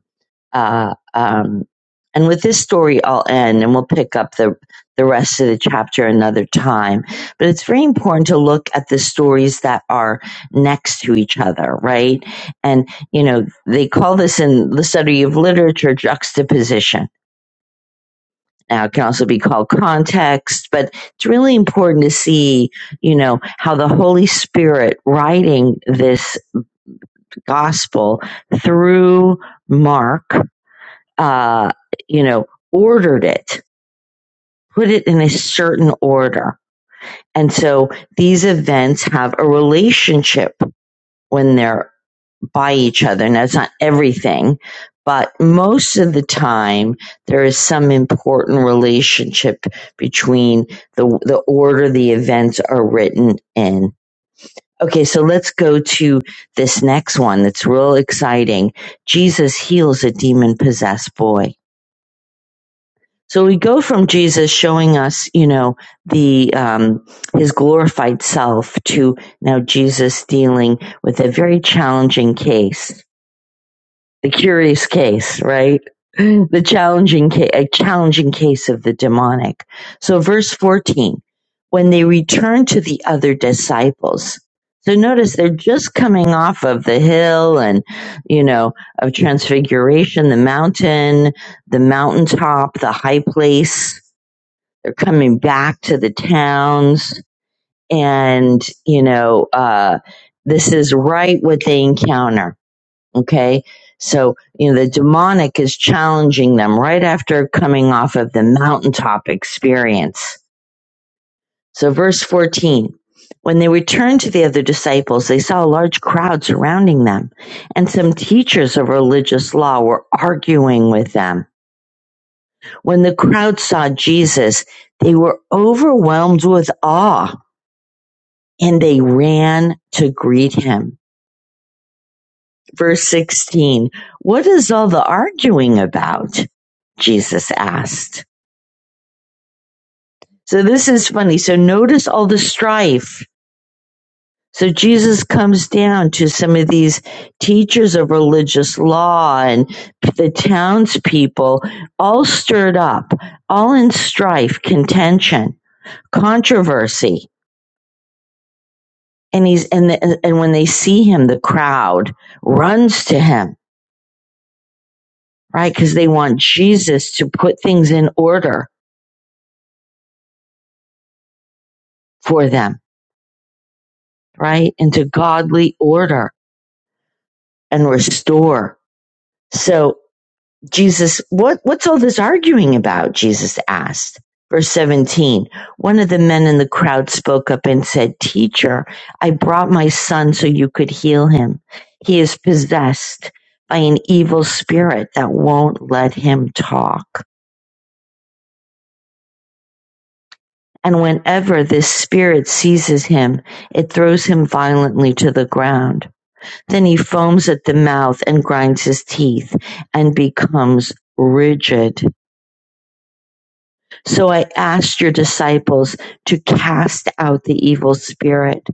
uh, um, and with this story, I'll end and we'll pick up the, the rest of the chapter another time. But it's very important to look at the stories that are next to each other, right? And, you know, they call this in the study of literature juxtaposition Now, it can also be called context, but it's really important to see, you know, how the Holy Spirit writing this gospel through Mark, uh, you know, ordered it, put it in a certain order. And so these events have a relationship when they're by each other. Now, it's not everything, but most of the time, there is some important relationship between the, the order the events are written in. Okay, so let's go to this next one that's real exciting. Jesus heals a demon possessed boy. So we go from Jesus showing us, you know, the um, his glorified self to now Jesus dealing with a very challenging case. the curious case, right? The challenging ca- a challenging case of the demonic. So verse 14, when they returned to the other disciples. So notice they're just coming off of the hill and, you know, of transfiguration, the mountain, the mountaintop, the high place. They're coming back to the towns and, you know, uh, this is right what they encounter Okay. So, you know, the demonic is challenging them right after coming off of the mountaintop experience. So, verse 14 when they returned to the other disciples, they saw a large crowd surrounding them, and some teachers of religious law were arguing with them. When the crowd saw Jesus, they were overwhelmed with awe and they ran to greet him. Verse 16, what is all the arguing about? Jesus asked. So this is funny. So notice all the strife. So Jesus comes down to some of these teachers of religious law and the townspeople, all stirred up, all in strife, contention, controversy. And he's, and, the, and when they see him, the crowd runs to him, right? Cause they want Jesus to put things in order for them, right? Into godly order and restore. So Jesus, what, what's all this arguing about? Jesus asked. Verse 17, one of the men in the crowd spoke up and said, teacher, I brought my son so you could heal him. He is possessed by an evil spirit that won't let him talk. And whenever this spirit seizes him, it throws him violently to the ground. Then he foams at the mouth and grinds his teeth and becomes rigid. So I asked your disciples to cast out the evil spirit,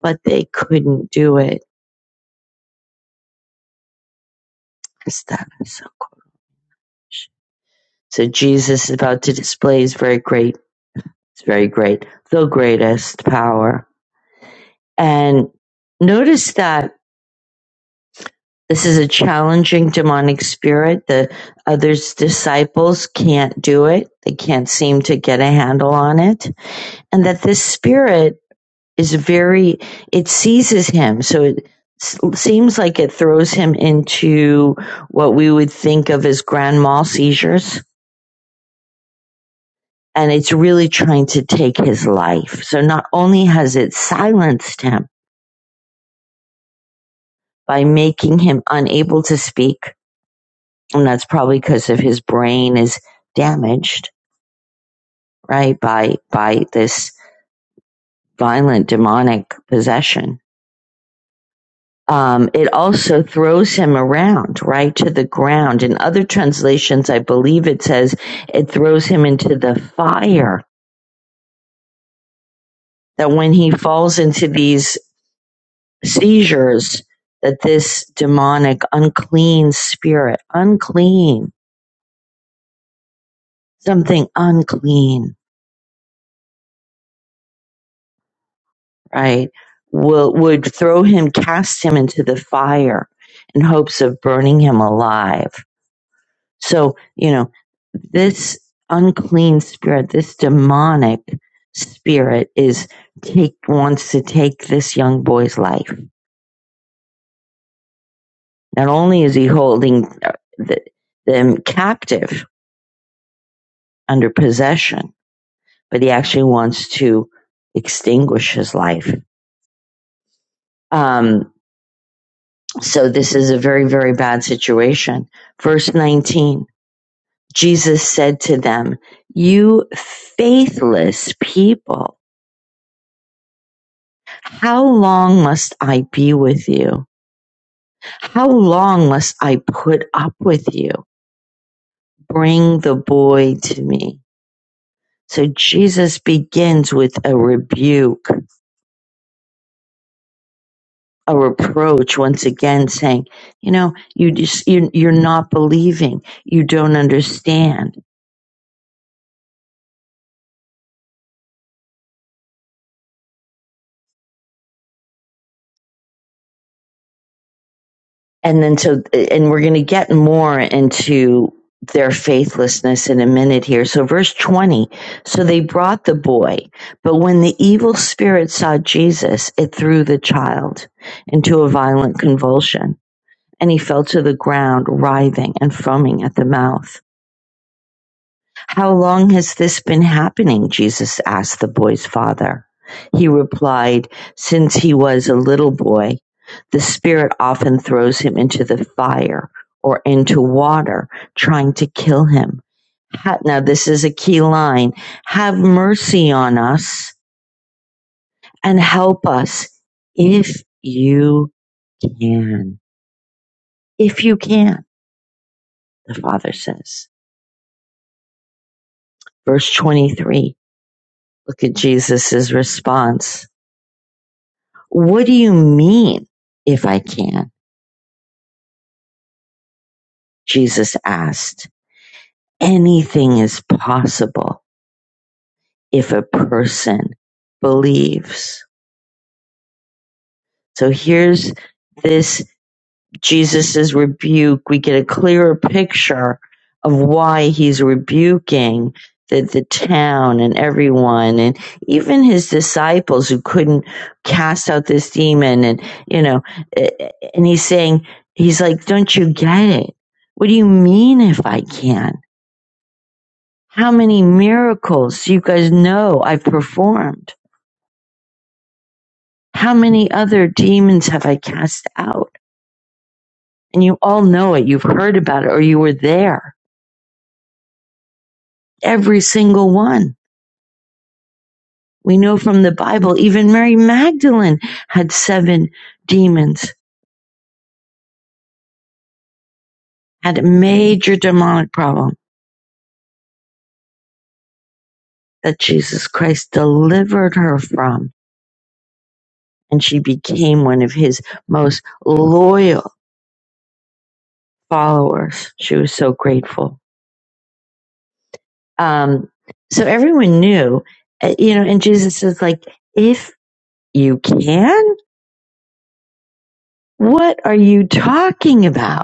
but they couldn't do it. So Jesus is about to display his very great, his very great, the greatest power. And notice that this is a challenging demonic spirit. The other disciples can't do it. They can't seem to get a handle on it. and that this spirit is very it seizes him so it seems like it throws him into what we would think of as grand mal seizures and it's really trying to take his life so not only has it silenced him by making him unable to speak and that's probably because of his brain is damaged right by by this violent demonic possession um, it also throws him around, right, to the ground. In other translations, I believe it says it throws him into the fire, that when he falls into these seizures, that this demonic, unclean spirit, unclean, something unclean, right, will, would throw him, cast him into the fire in hopes of burning him alive So, you know, this unclean spirit, this demonic spirit is take wants to take this young boy's life. Not only is he holding uh, the, them captive under possession, but he actually wants to extinguish his life. Um, so this is a very, very bad situation. Verse 19, Jesus said to them, you faithless people, How long must I be with you? How long must I put up with you? Bring the boy to me. So Jesus begins with a rebuke, a reproach once again saying, you know, you just, you, you're not believing. You don't understand. and then so and we're going to get more into their faithlessness in a minute here so verse 20 so they brought the boy but when the evil spirit saw jesus it threw the child into a violent convulsion and he fell to the ground writhing and foaming at the mouth how long has this been happening? Jesus asked the boy's father. He replied, Since he was a little boy, the Spirit often throws him into the fire or into water, trying to kill him. Now, this is a key line. Have mercy on us and help us if you can. If you can, the father says. Verse 23. Look at Jesus' response. What do you mean if I can? Jesus asked. Anything is possible if a person believes. So here's this Jesus's rebuke, we get a clearer picture of why he's rebuking the, the town and everyone and even his disciples who couldn't cast out this demon and you know eh, eh, and he's saying he's like don't you get it what do you mean if i can how many miracles you guys know i've performed how many other demons have i cast out and you all know it you've heard about it or you were there Every single one. We know from the Bible, even Mary Magdalene had seven demons, had a major demonic problem that Jesus Christ delivered her from. And she became one of his most loyal followers. She was so grateful. Um, so everyone knew, uh, you know, and Jesus is like, if you can, what are you talking about?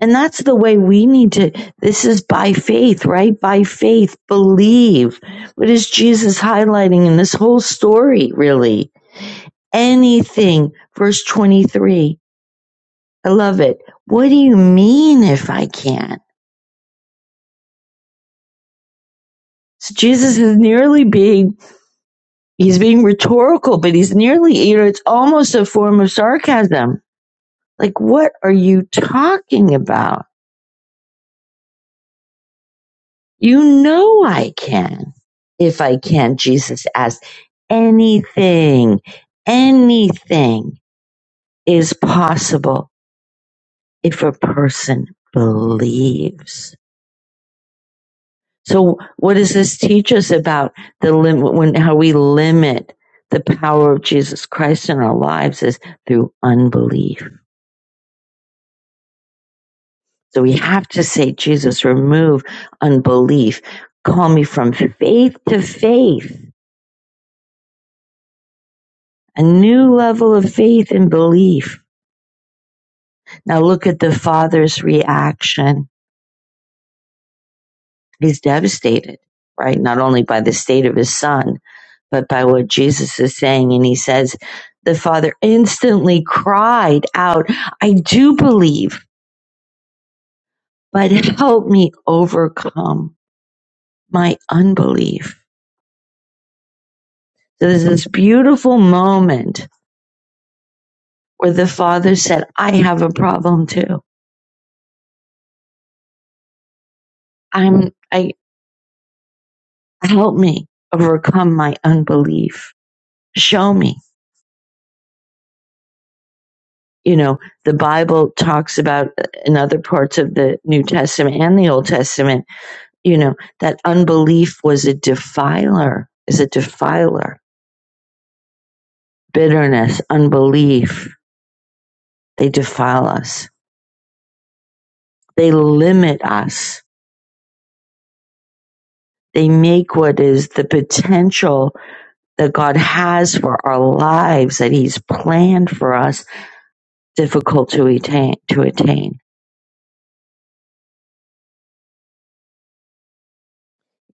And that's the way we need to. This is by faith, right? By faith, believe. What is Jesus highlighting in this whole story, really? Anything. Verse 23. I love it. What do you mean if I can't? So Jesus is nearly being, he's being rhetorical, but he's nearly, you know, it's almost a form of sarcasm. Like, what are you talking about? You know I can. If I can, Jesus asked, anything, anything is possible if a person believes. So what does this teach us about the limit when how we limit the power of Jesus Christ in our lives is through unbelief. So we have to say, Jesus, remove unbelief. Call me from faith to faith a new level of faith and belief. Now look at the father's reaction. He's devastated, right? Not only by the state of his son, but by what Jesus is saying. And he says, the father instantly cried out, I do believe, but help me overcome my unbelief. So there's this beautiful moment where the father said, I have a problem too. I'm, I, help me overcome my unbelief show me you know the bible talks about uh, in other parts of the new testament and the old testament you know that unbelief was a defiler is a defiler bitterness unbelief they defile us they limit us they make what is the potential that god has for our lives that he's planned for us difficult to attain to attain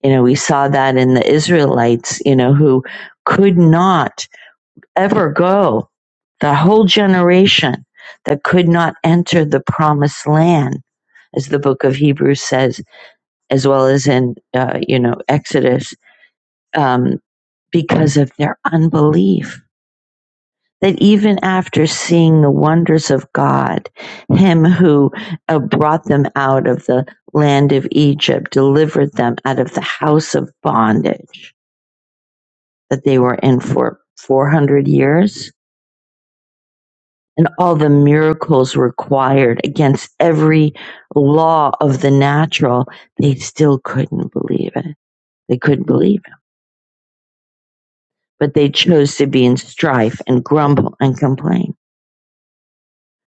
you know we saw that in the israelites you know who could not ever go, the whole generation that could not enter the promised land, as the book of Hebrews says, as well as in, uh, you know, Exodus, um, because of their unbelief. That even after seeing the wonders of God, Him who uh, brought them out of the land of Egypt, delivered them out of the house of bondage that they were in for 400 years, and all the miracles required against every law of the natural, they still couldn't believe it. They couldn't believe it. But they chose to be in strife and grumble and complain.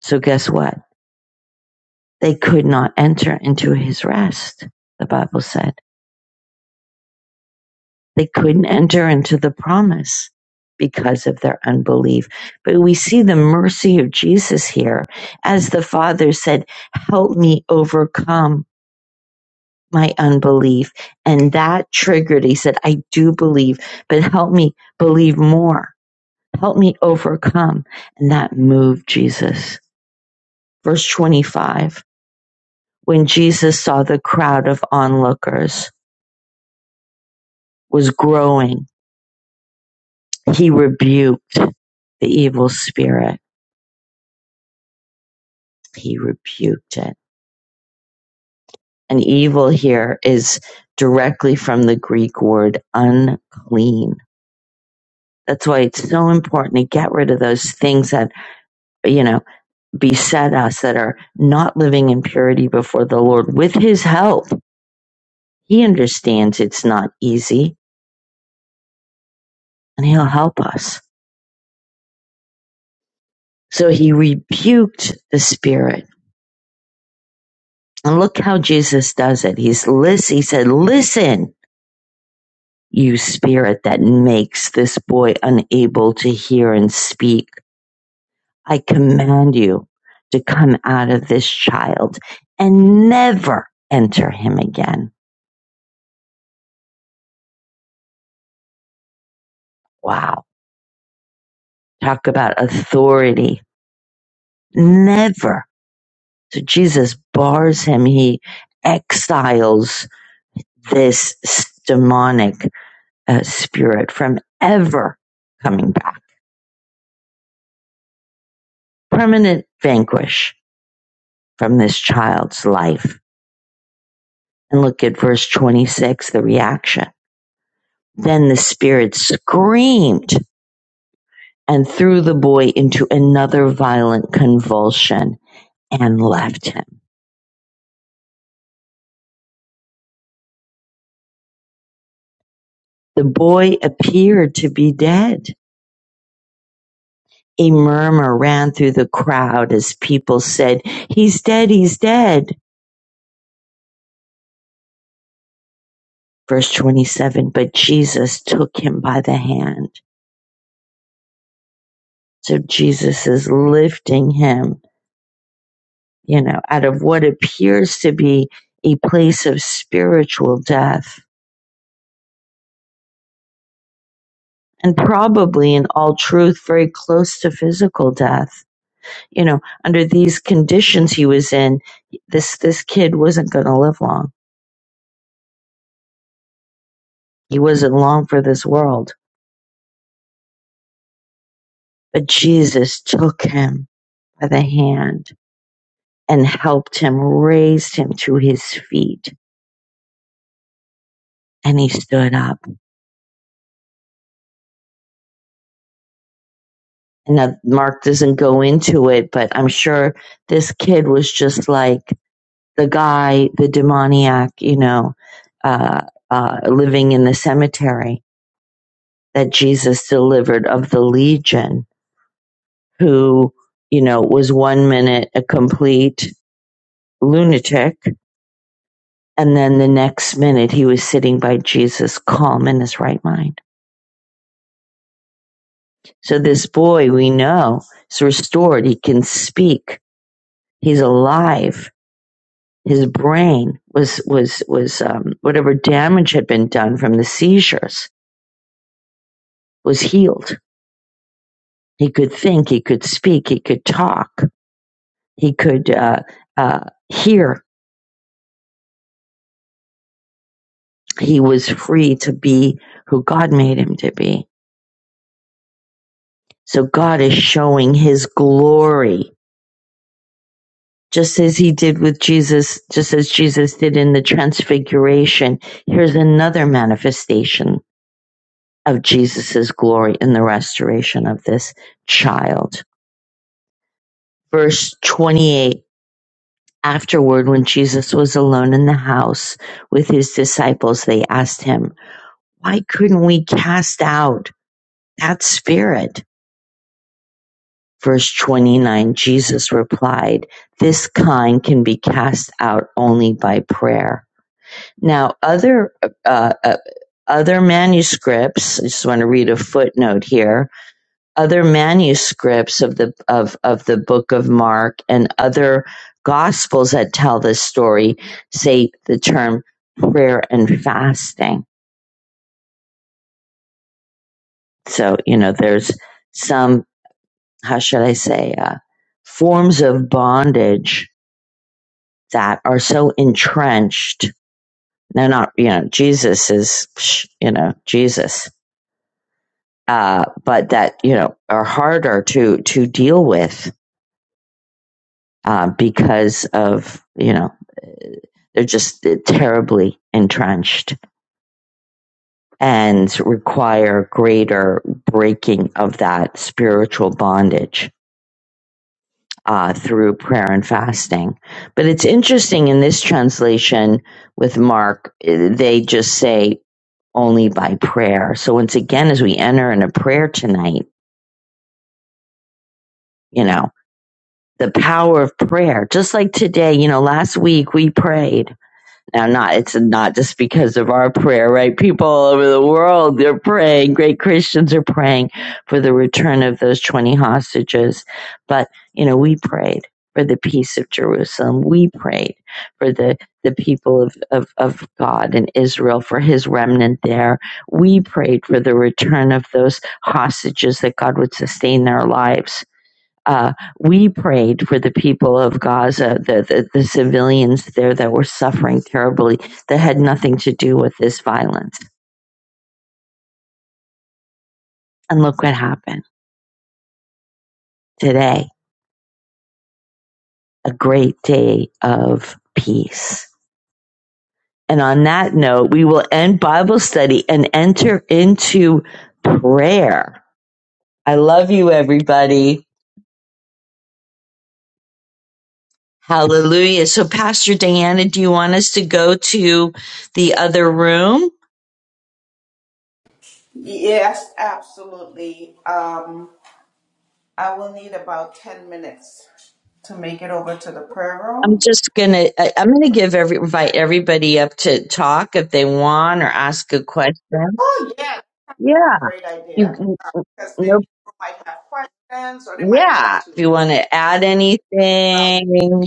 So guess what? They could not enter into his rest, the Bible said. They couldn't enter into the promise because of their unbelief. But we see the mercy of Jesus here as the Father said, Help me overcome my unbelief. And that triggered, he said, I do believe, but help me believe more. Help me overcome. And that moved Jesus. Verse 25 When Jesus saw the crowd of onlookers was growing, he rebuked the evil spirit. He rebuked it. And evil here is directly from the Greek word unclean. That's why it's so important to get rid of those things that, you know, beset us that are not living in purity before the Lord with his help. He understands it's not easy and he'll help us. So he rebuked the spirit. And look how Jesus does it. He's listen, he said, listen, you spirit that makes this boy unable to hear and speak. I command you to come out of this child and never enter him again. Wow. Talk about authority Never. So Jesus bars him. He exiles this demonic uh, spirit from ever coming back. Permanent vanquish from this child's life. And look at verse 26, the reaction. Then the spirit screamed and threw the boy into another violent convulsion and left him. The boy appeared to be dead A murmur ran through the crowd as people said, He's dead, he's dead. Verse 27, but Jesus took him by the hand. So Jesus is lifting him, you know, out of what appears to be a place of spiritual death and probably in all truth, very close to physical death. You know, under these conditions he was in, this, this kid wasn't going to live long. He wasn't long for this world But Jesus took him by the hand and helped him, raised him to his feet, and he stood up. And now Mark doesn't go into it, but I'm sure this kid was just like the guy, the demoniac, you know, uh, uh, living in the cemetery that Jesus delivered of the legion, who, you know, was one minute a complete lunatic And then the next minute, he was sitting by Jesus, calm in his right mind. So this boy we know is restored. He can speak. He's alive. His brain was, was, was, um, whatever damage had been done from the seizures was healed. He could think. He could speak. He could talk. He could, uh, uh, hear. He was free to be who God made him to be. So God is showing his glory just as he did with Jesus, just as Jesus did in the transfiguration. Here's another manifestation of Jesus's glory in the restoration of this child. Verse 28. Afterward, when Jesus was alone in the house with his disciples, they asked him, why couldn't we cast out that spirit? Verse 29. Jesus replied, this kind can be cast out only by prayer. Now, other uh, uh, other manuscripts. I just want to read a footnote here. Other manuscripts of the of of the Book of Mark and other Gospels that tell this story say the term prayer and fasting. So you know, there's some how should I say uh, forms of bondage that are so entrenched. They're not, you know, Jesus is, psh, you know, Jesus uh, but that you know are harder to to deal with uh, because of you know they're just terribly entrenched and require greater breaking of that spiritual bondage uh, through prayer and fasting. But it's interesting in this translation with Mark, eh, they just say only by prayer. So once again, as we enter in a prayer tonight, you know. the power of prayer. Just like today, you know, last week we prayed. Now, not, it's not just because of our prayer, right? People all over the world, they're praying. Great Christians are praying for the return of those 20 hostages. But, you know, we prayed for the peace of Jerusalem. We prayed for the, the people of, of, of God and Israel, for his remnant there. We prayed for the return of those hostages that God would sustain their lives uh, we prayed for the people of Gaza, the, the, the civilians there that were suffering terribly, that had nothing to do with this violence. And look what happened today a great day of peace. And on that note, we will end Bible study and enter into prayer. I love you, everybody. Hallelujah. So, Pastor Diana, do you want us to go to the other room?
Yes, absolutely. Um, I will need about 10 minutes to make it over to the prayer
I'm
room.
just gonna. I- I'm gonna give every invite everybody up to talk if they want or ask a question.
Oh, yeah,
Yeah,
great
you.
idea.
you-
Because they
No.
people might have questions or they might want
Yeah,
to,
if you want to add anything,
well,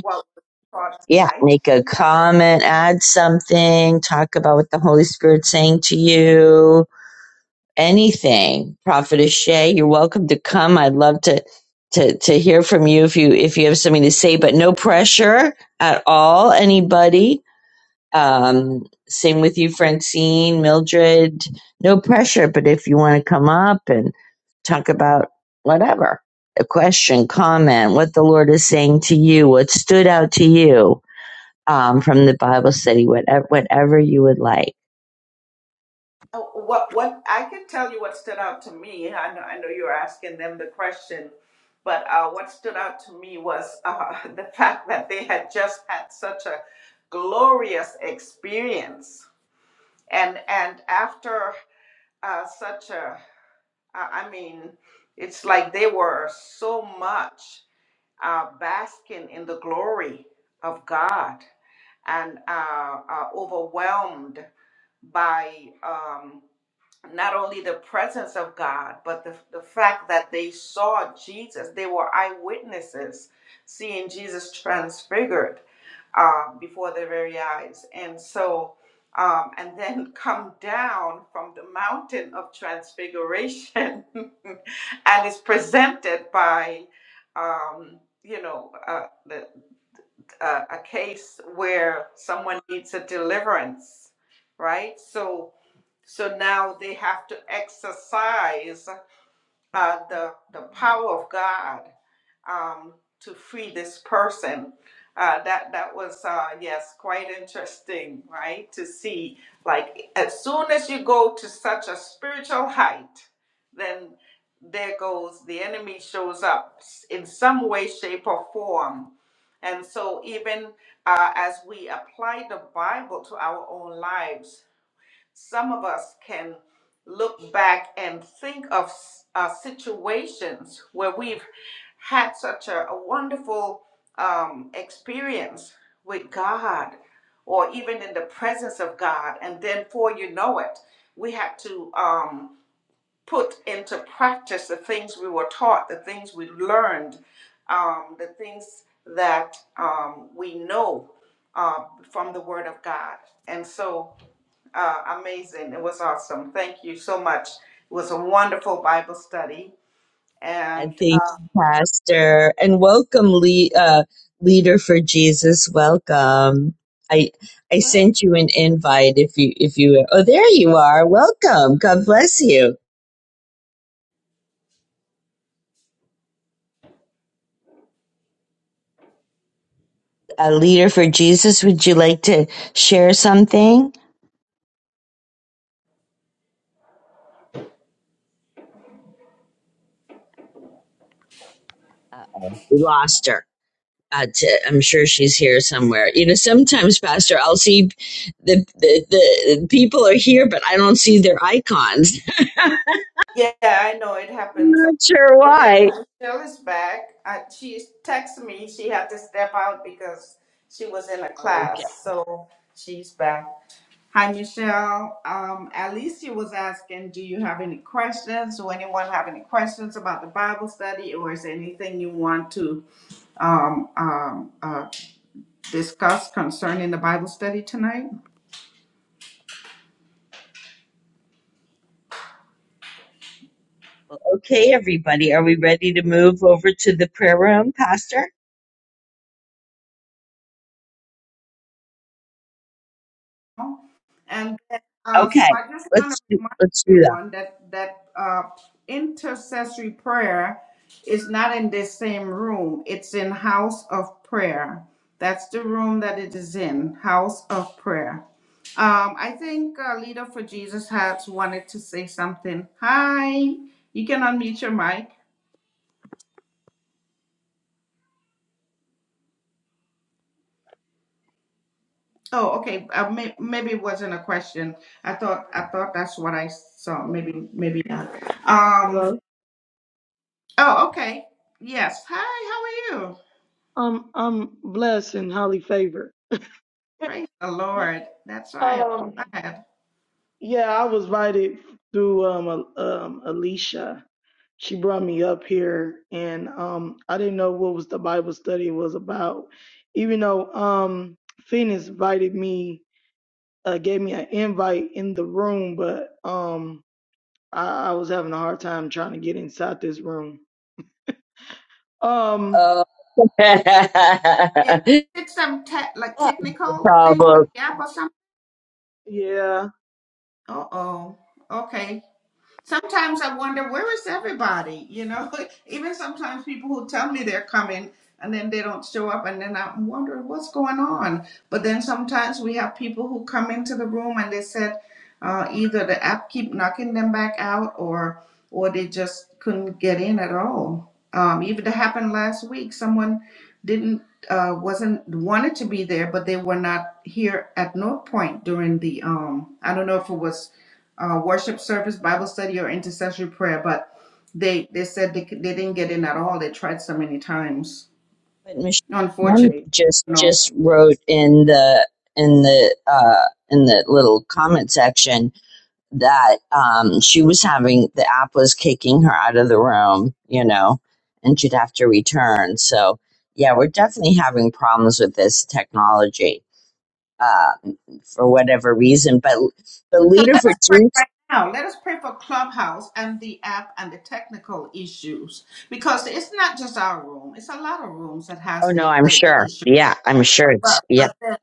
what was taught
yeah,
tonight?
make a
Yeah.
comment, add something, talk about what the Holy Spirit's saying to you, anything. Prophetess Shay, you're welcome to come. I'd love to to to hear from you if you if you have something to say, but no pressure at all. Anybody Um, same with you, Francine, Mildred. No pressure, but if you want to come up and talk about whatever, a question, comment, what the Lord is saying to you, what stood out to you um, from the Bible study, whatever, whatever you would like.
Oh, What, what, I can tell you what stood out to me. I know, I know you were asking them the question, but uh, what stood out to me was uh, [LAUGHS] the fact that they had just had such a glorious experience and and after uh, such a, I mean, it's like they were so much uh, basking in the glory of God and uh, are overwhelmed by um, not only the presence of God, but the, the fact that they saw Jesus. They were eyewitnesses seeing Jesus transfigured uh, before their very eyes. And so, um, and then [LAUGHS] come down from the mountain of transfiguration [LAUGHS] and is presented by um, you know, uh, the, uh, a case where someone needs a deliverance, right? So, so now they have to exercise uh, the the power of God um, to free this person. Uh, that that was uh, yes, quite interesting, right? To see like as soon as you go to such a spiritual height, then there goes the enemy shows up in some way, shape, or form. And so even uh, as we apply the Bible to our own lives some of us can look back and think of uh, situations where we've had such a, a wonderful um, experience with God or even in the presence of God. And then, before you know it, we had to. Um, put into practice the things we were taught, the things we learned, um, the things that um, we know uh, from the Word of God. And so, uh, amazing. It was awesome. Thank you so much. It was a wonderful Bible study.
I
And
thank
uh,
you, Pastor, and welcome, le- uh, leader for Jesus. Welcome. I I sent you an invite if you if you oh there you are. Welcome. God bless you. a leader for Jesus. Would you like to share something? Uh-oh. We lost her. Uh, to, I'm sure she's here somewhere. You know, sometimes, Pastor, I'll see the, the the people are here, but I don't see their icons.
yeah, I know it
[LAUGHS] I'm
happens. a-
not sure
Well, there
why.
comes Michelle is back. Uh, she texted me. She had to step out because she was in a
Okay,
class. So she's back. Hi, Michelle. Um, Alicia was asking, do you have any questions? Do anyone have any questions about the Bible study, or is there anything you want to um, um, uh, discuss concerning the Bible study tonight?
okay, everybody, are we ready to move over to the prayer room, Pastor?
now. And then, uh, so
Okay,
I just want to
let's do,
remind
let's do
everyone that that uh, intercessory prayer is not in this same room. It's in house of prayer. That's the room that it is in, house of prayer. Um, I think uh, Leader for Jesus has wanted to say something. Hi, you can unmute your mic. Oh, okay. Uh, may- maybe it wasn't a question. I thought I thought that's what I saw. Maybe maybe not. Um.
Hello.
Oh, okay. Yes. Hi, how are you?
I'm I'm blessed and highly favored. [LAUGHS]
Praise the Lord. That's right.
Um,
I'm glad.
yeah, I was invited through um, a um Alicia. She brought me up here, and um, I didn't know what was the Bible study was about. Even though um, Phoenix invited me, uh, gave me an invite in the room, but um, I, I was having a hard time trying to get inside this room. Um,
that.
It
Oh.
did some te- like
[LAUGHS]
technical thing
problem.
with the app or something.
yeah,
Uh oh. Okay. sometimes I wonder where is everybody, you know? [LAUGHS] Even sometimes people who tell me they're coming and then they don't show up and then I'm wondering what's going on. But then sometimes we have people who come into the room and they said uh, either the app keep knocking them back out or or they just couldn't get in at all. Um, even that happened last week. Someone didn't uh, wasn't wanted to be there, but they were not here at North Point during the um. I don't know if it was uh, worship service, Bible study, or intercessory prayer. But they they said they, could- they didn't get in at all. They tried so many times.
But Michelle Kim
Unfortunately,
right.
just
no.
just wrote in the in the uh, in the little comment section that um, she was having the app was kicking her out of the room, you know, and she'd have to return. So yeah, we're definitely having problems with this technology uh, for whatever reason. But the
So
leader
let
for
us pray
Jews,
right now. Let us pray for Clubhouse and the app and the technical issues because it's not just our room. It's a lot of rooms that
oh
has
no,
the
I'm
the, the
sure.
issue.
Yeah, I'm sure it's
But
yeah.
but then,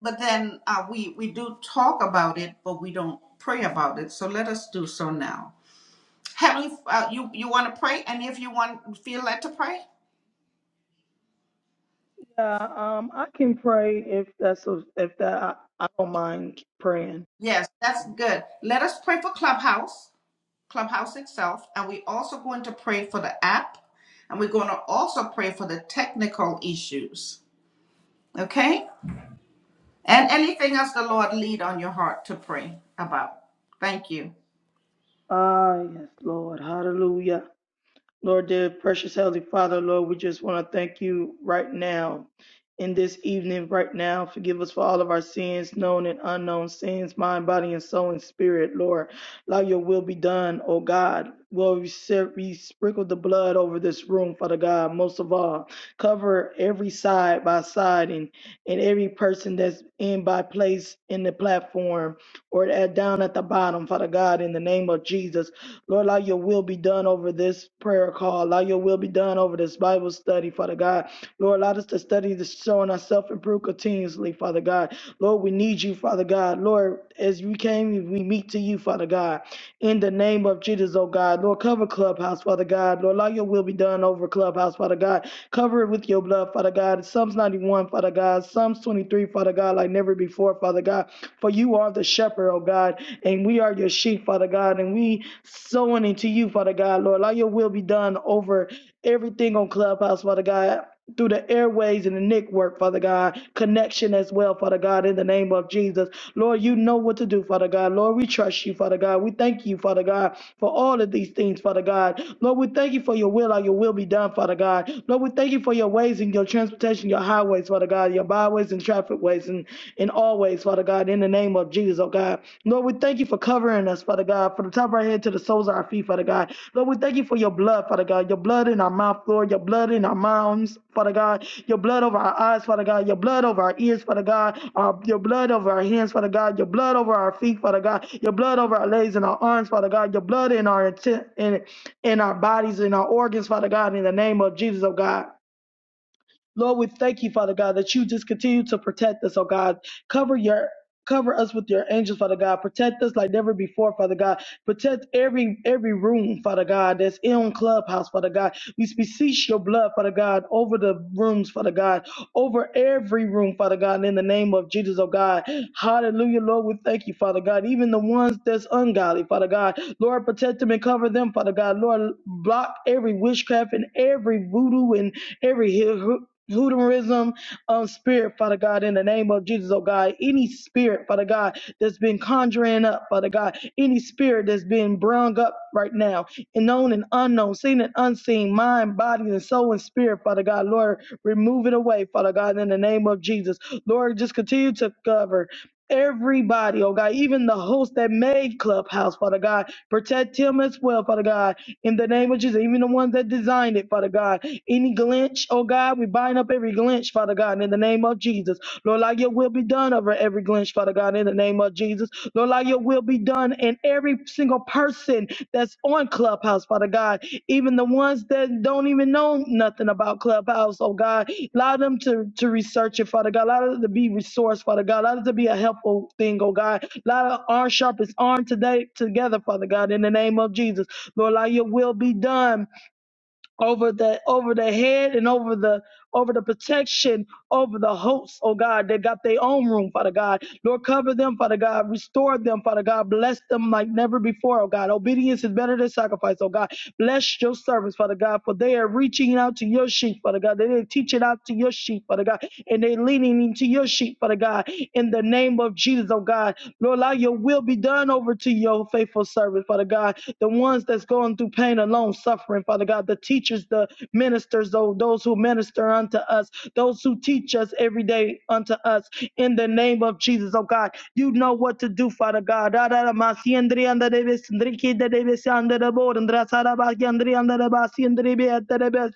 but then uh, we we do talk about it, but we don't pray about it. So let us do so now. Heavenly, uh, you you want to pray, and if you want feel led to pray,
Yeah, um, I can pray if that's a, if that I, I don't mind praying.
Yes, that's good. Let us pray for Clubhouse, Clubhouse itself, and we also going to pray for the app, and we're going to also pray for the technical issues. Okay? And anything else the Lord lead on your heart to pray about. Thank you.
Ah, yes, Lord, Hallelujah. Lord, dear precious Heavenly Father, Lord, we just want to thank you right now. In this evening, right now, forgive us for all of our sins, known and unknown sins, mind, body, and soul and spirit, Lord. Allow your will be done, O God. Lord, we, ser- we sprinkle the blood over this room, Father God, most of all. Cover every side by side and, and every person that's in by place in the platform or at, down at the bottom, Father God, in the name of Jesus. Lord, allow your will be done over this prayer call. Allow your will be done over this Bible study, Father God. Lord, allow us to study this showing ourselves improve continuously, Father God. Lord, we need you, Father God. Lord, as we came, we meet to you, Father God. In the name of Jesus, oh God. Lord, cover Clubhouse, Father God. Lord, allow your will be done over Clubhouse, Father God. Cover it with your blood, Father God. Psalms 91, Father God. Psalms 23, Father God, like never before, Father God. For you are the shepherd, oh God, and we are your sheep, Father God, and we sowing into you, Father God, Lord. Let your will be done over everything on Clubhouse, Father God. Through the airways and the network, Father God, connection as well, Father God, in the name of Jesus. Lord, you know what to do, Father God. Lord, we trust you, Father God. We thank you, Father God, for all of these things, Father God. Lord, we thank you for your will, how your will be done, Father God. Lord, we thank you for your ways and your transportation, your highways, Father God, your byways and traffic ways, and in all ways, Father God, in the name of Jesus, oh God. Lord, we thank you for covering us, Father God, from the top of our head to the soles of our feet, Father God. Lord, we thank you for your blood, Father God, your blood in our mouth, Lord, your blood in our mouths, Father God, your blood over our eyes, Father God, your blood over our ears, Father God, our, your blood over our hands, Father God, your blood over our feet, Father God, your blood over our legs and our arms, Father God, your blood in our intent, in, in our bodies, in our organs, Father God, in the name of Jesus, oh God. Lord, we thank you, Father God, that you just continue to protect us, oh God. Cover your cover us with your angels, Father God. Protect us like never before, Father God. Protect every every room, Father God, that's in clubhouse, Father God. We beseech your blood, Father God, over the rooms, Father God, over every room, Father God, in the name of Jesus, oh God. Hallelujah, Lord. We thank you, Father God. Even the ones that's ungodly, Father God. Lord, protect them and cover them, Father God. Lord, block every witchcraft and every voodoo and every Hoodooism, um, spirit, Father God, in the name of Jesus, oh God. Any spirit, Father God, that's been conjuring up, Father God. Any spirit that's been brung up right now, and known and unknown, seen and unseen, mind, body, and soul and spirit, Father God. Lord, remove it away, Father God, in the name of Jesus. Lord, just continue to cover. Everybody, oh God, even the host that made Clubhouse, Father God, protect him as well, Father God, in the name of Jesus. Even the ones that designed it, Father God. Any glitch, oh God, we bind up every glitch, Father God, in the name of Jesus. Lord, like your will be done over every glitch, Father God, in the name of Jesus. Lord, like your will be done in every single person that's on Clubhouse, Father God, even the ones that don't even know nothing about Clubhouse, oh God. Allow them to, to research it, Father God. Allow them to be resource, Father God. Allow them to be a helpful thing, oh God. Allow our sharpest arm today together, Father God, in the name of Jesus. Lord, allow your will be done over the over the head and over the over the protection over the hosts, oh God, that got their own room, Father God. Lord, cover them, Father God, restore them, Father God, bless them like never before, oh God. Obedience is better than sacrifice, oh God. Bless your servants, Father God, for they are reaching out to your sheep, Father God. They're teaching out to your sheep, Father God, and they're leaning into your sheep, Father God, in the name of Jesus, oh God. Lord, allow your will be be done over to your faithful servant, Father God. The ones that's going through pain alone, suffering, Father God. The teachers, the ministers, tho- those who minister unto us, those who teach us every day unto us. In the name of Jesus, oh God, you know what to do, Father God. si- si-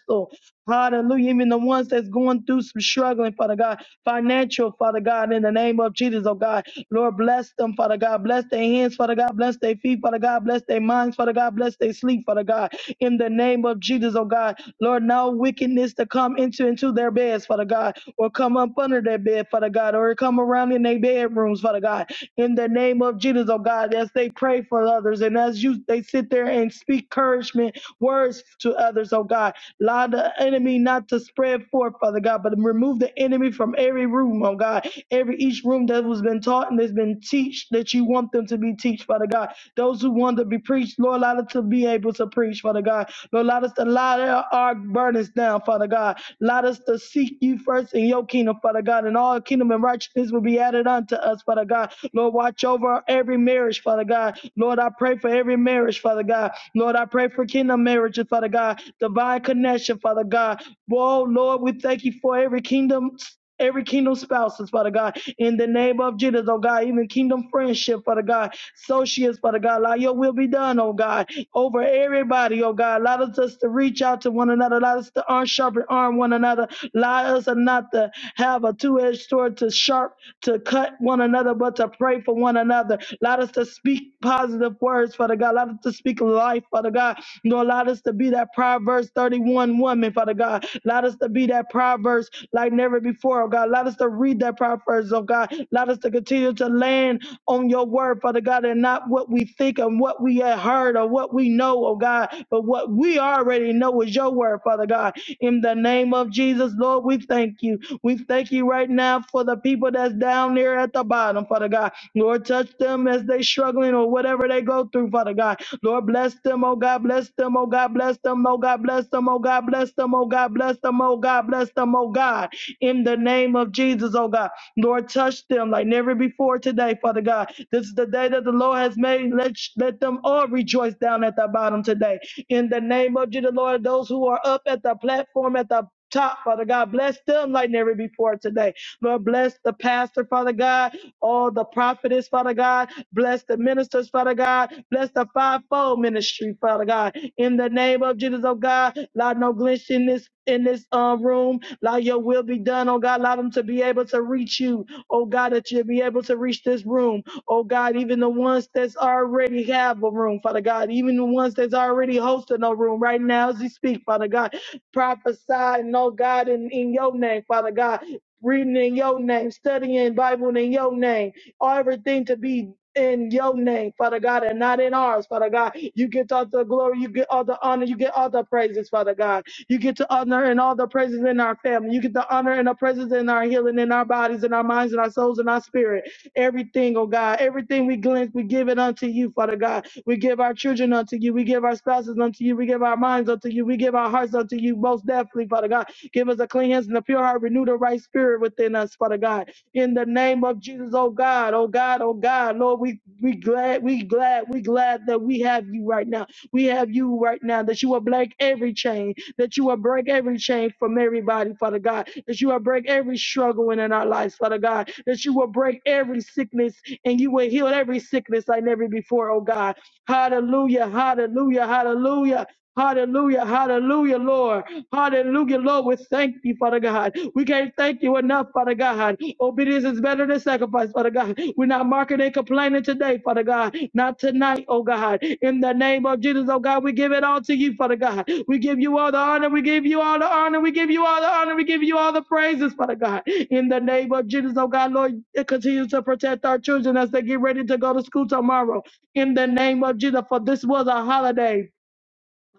so. Hallelujah. Even the ones that's going through some struggling, Father God, financial, Father God, in the name of Jesus, oh God. Lord, bless them, Father God. Bless their hands, Father God. Bless their feet, Father God. Bless their minds, Father God. Bless their sleep, Father God. In the name of Jesus, oh God. Lord, no wickedness to come into, into their beds, Father God, or come up under their bed, Father God, or come around in their bedrooms, Father God. In the name of Jesus, oh God, as they pray for others and as you they sit there and speak encouragement words to others, oh God. God. Allow the enemy not to spread forth, Father God, but remove the enemy from every room, oh God. Every each room that was been taught and that's been teach that you want them to be teach, Father God. Those who want to be preached, Lord, allow us to be able to preach, Father God. Lord, allow us to allow our our burdens down, Father God. Allow us to seek you first in your kingdom, Father God, and all kingdom and righteousness will be added unto us, Father God. Lord, watch over every marriage, Father God. Lord, I pray for every marriage, Father God. Lord, I pray for kingdom marriages, Father God. Divine connection, Father God. Whoa, Lord, we thank you for every kingdom every kingdom spouses, Father God, in the name of Jesus, oh God, even kingdom friendship, Father God, associates, Father God, allow your will be done, oh God, over everybody, oh God, allow us to reach out to one another another. Let us to arm sharpen arm one another. Allow us not to have a two-edged sword to sharp to cut one another, but to pray for one another. Allow us to speak positive words, Father God. Allow us to speak life, Father God. Lord, allow us to be that Proverbs 31 woman, Father God. Allow us to be that Proverbs like never before, oh God. Allow us to read that Proverbs, oh God. Allow us to continue to land on your word, Father God, and not what we think and what we have heard or what we know, oh God, but what we already know is your word, Father God. In the name of Jesus, Lord, we thank you. We thank you right now for the people that's down there at the bottom, Father God. Lord, touch them as they struggling or whatever they go through, Father God. Lord, bless them, oh God, bless them, oh God, bless them, oh God, bless them, oh God, bless them, oh God, bless them, oh God, bless them, oh God. In the name of Jesus, oh God. Lord, touch them like never before today, Father God. This is the day that the Lord has made. Let, let them all rejoice down at the bottom today. In the name of Jesus, Lord, those who are up at the platform at the top, Father God, bless them like never before today. Lord, bless the pastor, Father God, all the prophetess, Father God, bless the ministers, Father God, bless the fivefold ministry, Father God. In the name of Jesus, oh God, Lord, no glitch in this in this uh, room. Allow your will be done, oh God. Allow them to be able to reach you, oh God, that you'll be able to reach this room, oh God, even the ones that's already have a room, Father God, even the ones that's already hosting a room right now as you speak, Father God. Prophesy, and, oh God, in, in your name, Father God. Reading in your name, studying Bible in your name, everything to be in your name, Father God, and not in ours, Father God. You get all the glory, you get all the honor, you get all the praises, Father God. You get to honor and all the praises in our family. You get the honor and the praises in our healing, in our bodies, in our minds, in our souls, in our spirit. Everything, oh God, everything we glimpse, we give it unto you, Father God. We give our children unto you. We give our spouses unto you. We give our minds unto you. We give our hearts unto you, most definitely, Father God. Give us a clean hands and a pure heart. Renew the right spirit within us, Father God. In the name of Jesus, oh God, oh God, oh God, Lord, we we glad, we glad, we glad that we have you right now. We have you right now, that you will break every chain that you will break every chain from everybody, Father God, that you will break every struggle in our lives, Father God, that you will break every sickness and you will heal every sickness like never before, oh God. Hallelujah, hallelujah, hallelujah, hallelujah, hallelujah, Lord. Hallelujah, Lord. We thank you, Father God. We can't thank you enough, Father God. Obedience is better than sacrifice, Father God. We're not marking and complaining today, Father God. Not tonight, oh God. In the name of Jesus, oh God, we give it all to you, Father God. We give you all the honor. We give you all the honor. We give you all the honor. We give you all the praises, Father God. In the name of Jesus, oh God, Lord, continue to protect our children as they get ready to go to school tomorrow. In the name of Jesus, for this was a holiday.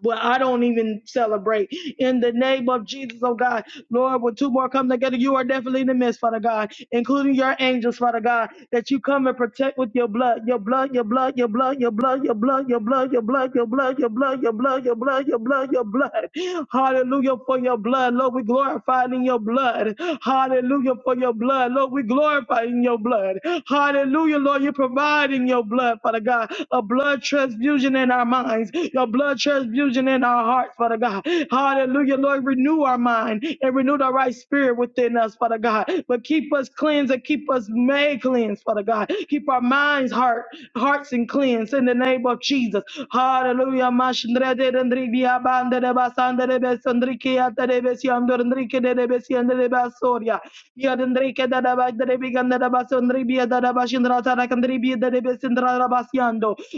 Well, I don't even celebrate. In the name of Jesus, oh God, Lord, when two more come together, you are definitely in the midst, Father God, including your angels, Father God, that you come and protect with your blood, your blood, your blood, your blood, your blood, your blood, your blood, your blood, your blood, your blood, your blood, your blood, your blood, your blood. Hallelujah for your blood. Lord, we glorify in your blood. Hallelujah for your blood. Lord, we glorify in your blood. Hallelujah, Lord, you provide in your blood, Father God, a blood transfusion in our minds, your blood transfusion in our hearts hearts, Father God. Hallelujah, Lord. Renew our mind and renew the right spirit within us, Father God. But keep us cleansed and keep us made cleansed, Father God. Keep our minds, heart, hearts, and cleansed in the name of Jesus. Hallelujah.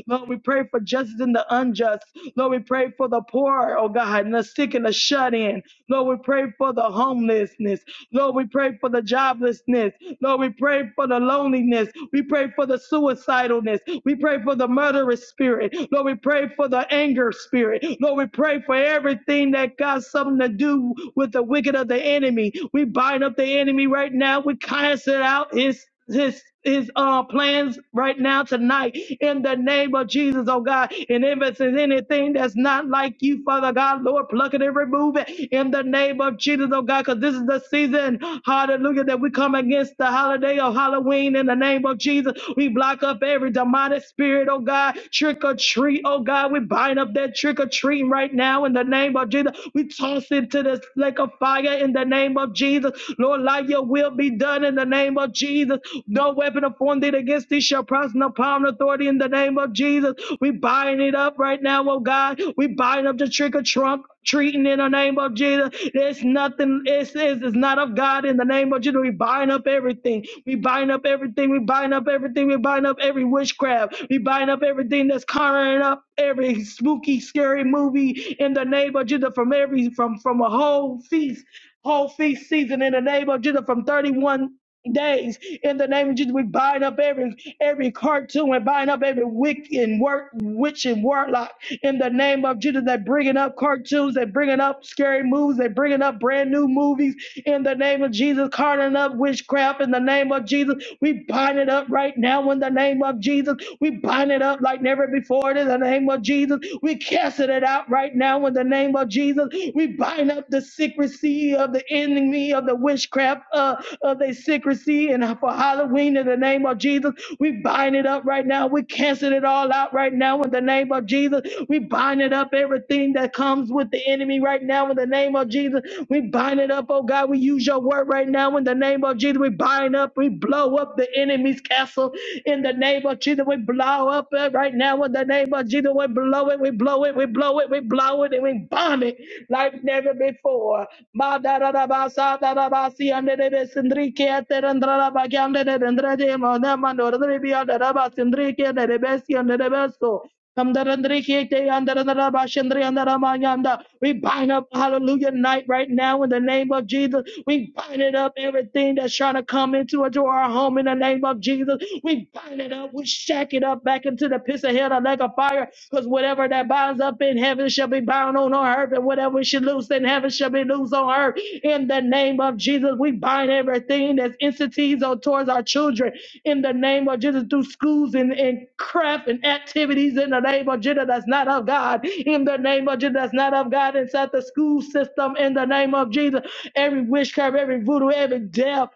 Lord, we pray for for justice and the unjust. Lord, we pray for the poor, oh God, and the sick and the shut in. Lord, we pray for the homelessness. Lord, we pray for the joblessness. Lord, we pray for the loneliness. We pray for the suicidalness. We pray for the murderous spirit. Lord, we pray for the anger spirit. Lord, we pray for everything that got something to do with the wicked of the enemy. We bind up the enemy right now. We cast it out. It's his his uh plans right now tonight in the name of Jesus, oh God. And if it's anything that's not like you, Father God, Lord, pluck it and remove it in the name of Jesus, oh God, because this is the season, hallelujah, that we come against the holiday of Halloween in the name of Jesus. We block up every demonic spirit, oh God, trick or treat, oh God. We bind up that trick or treating right now in the name of Jesus. We toss it to the lake of fire in the name of Jesus. Lord, like your will be done in the name of Jesus. No weapon formed it against thee shall prosper no power and authority in the name of Jesus. We bind it up right now, oh God. We bind up the trick or trunk treating in the name of Jesus. There's nothing, it's, it's, it's not of God in the name of Jesus. We bind up everything. We bind up everything. We bind up everything. We bind up every witchcraft. We bind up everything that's covering up every spooky, scary movie in the name of Jesus from every from from a whole feast whole feast season in the name of Jesus from 31 days in the name of Jesus. We bind up every every cartoon and bind up every wick and work witch and warlock in the name of Jesus that bringing up cartoons, that bringing up scary movies, that bringing up brand new movies in the name of Jesus, carting up witchcraft in the name of Jesus. We bind it up right now in the name of Jesus. We bind it up like never before in the name of Jesus. We casting it out right now in the the name of Jesus. We bind up the secrecy of the enemy of the witchcraft uh, of the secrecy and for Halloween in the name of Jesus. We bind it up right now. We cancel it all out right now in the name of Jesus. We bind it up everything that comes with the enemy right now in the name of Jesus. We bind it up, oh God. We use your word right now in the name of Jesus. We bind up, we blow up the enemy's castle in the name of Jesus. We blow up it right now in the name name of Jesus, we blow it, we blow it, we blow it, we blow it, and we bomb it like never before. Ma da da da ba sa da da ba si ande de be sindri ke ate rendra da ba ke ande de rendra de mo na ma no rendri bi ande da ba sindri ke de de be si ande de be so. Kamdarandri kete yandaranara bashandri yandaramanyanda. We bind up hallelujah night right now in the name of Jesus. We bind it up everything that's trying to come into, into our home in the name of Jesus. We bind it up. We shack it up back into the pits of hell like a fire. Because whatever that binds up in heaven shall be bound on earth, and whatever we should lose loosed in heaven shall be loosed on earth. In the name of Jesus, we bind everything that's entities or towards our children. In the name of Jesus, through schools and, and craft and activities. In the name of Jesus, that's not of God. In the name of Jesus, that's not of God. Inside the school system. In the name of Jesus, every witchcraft, every voodoo, every death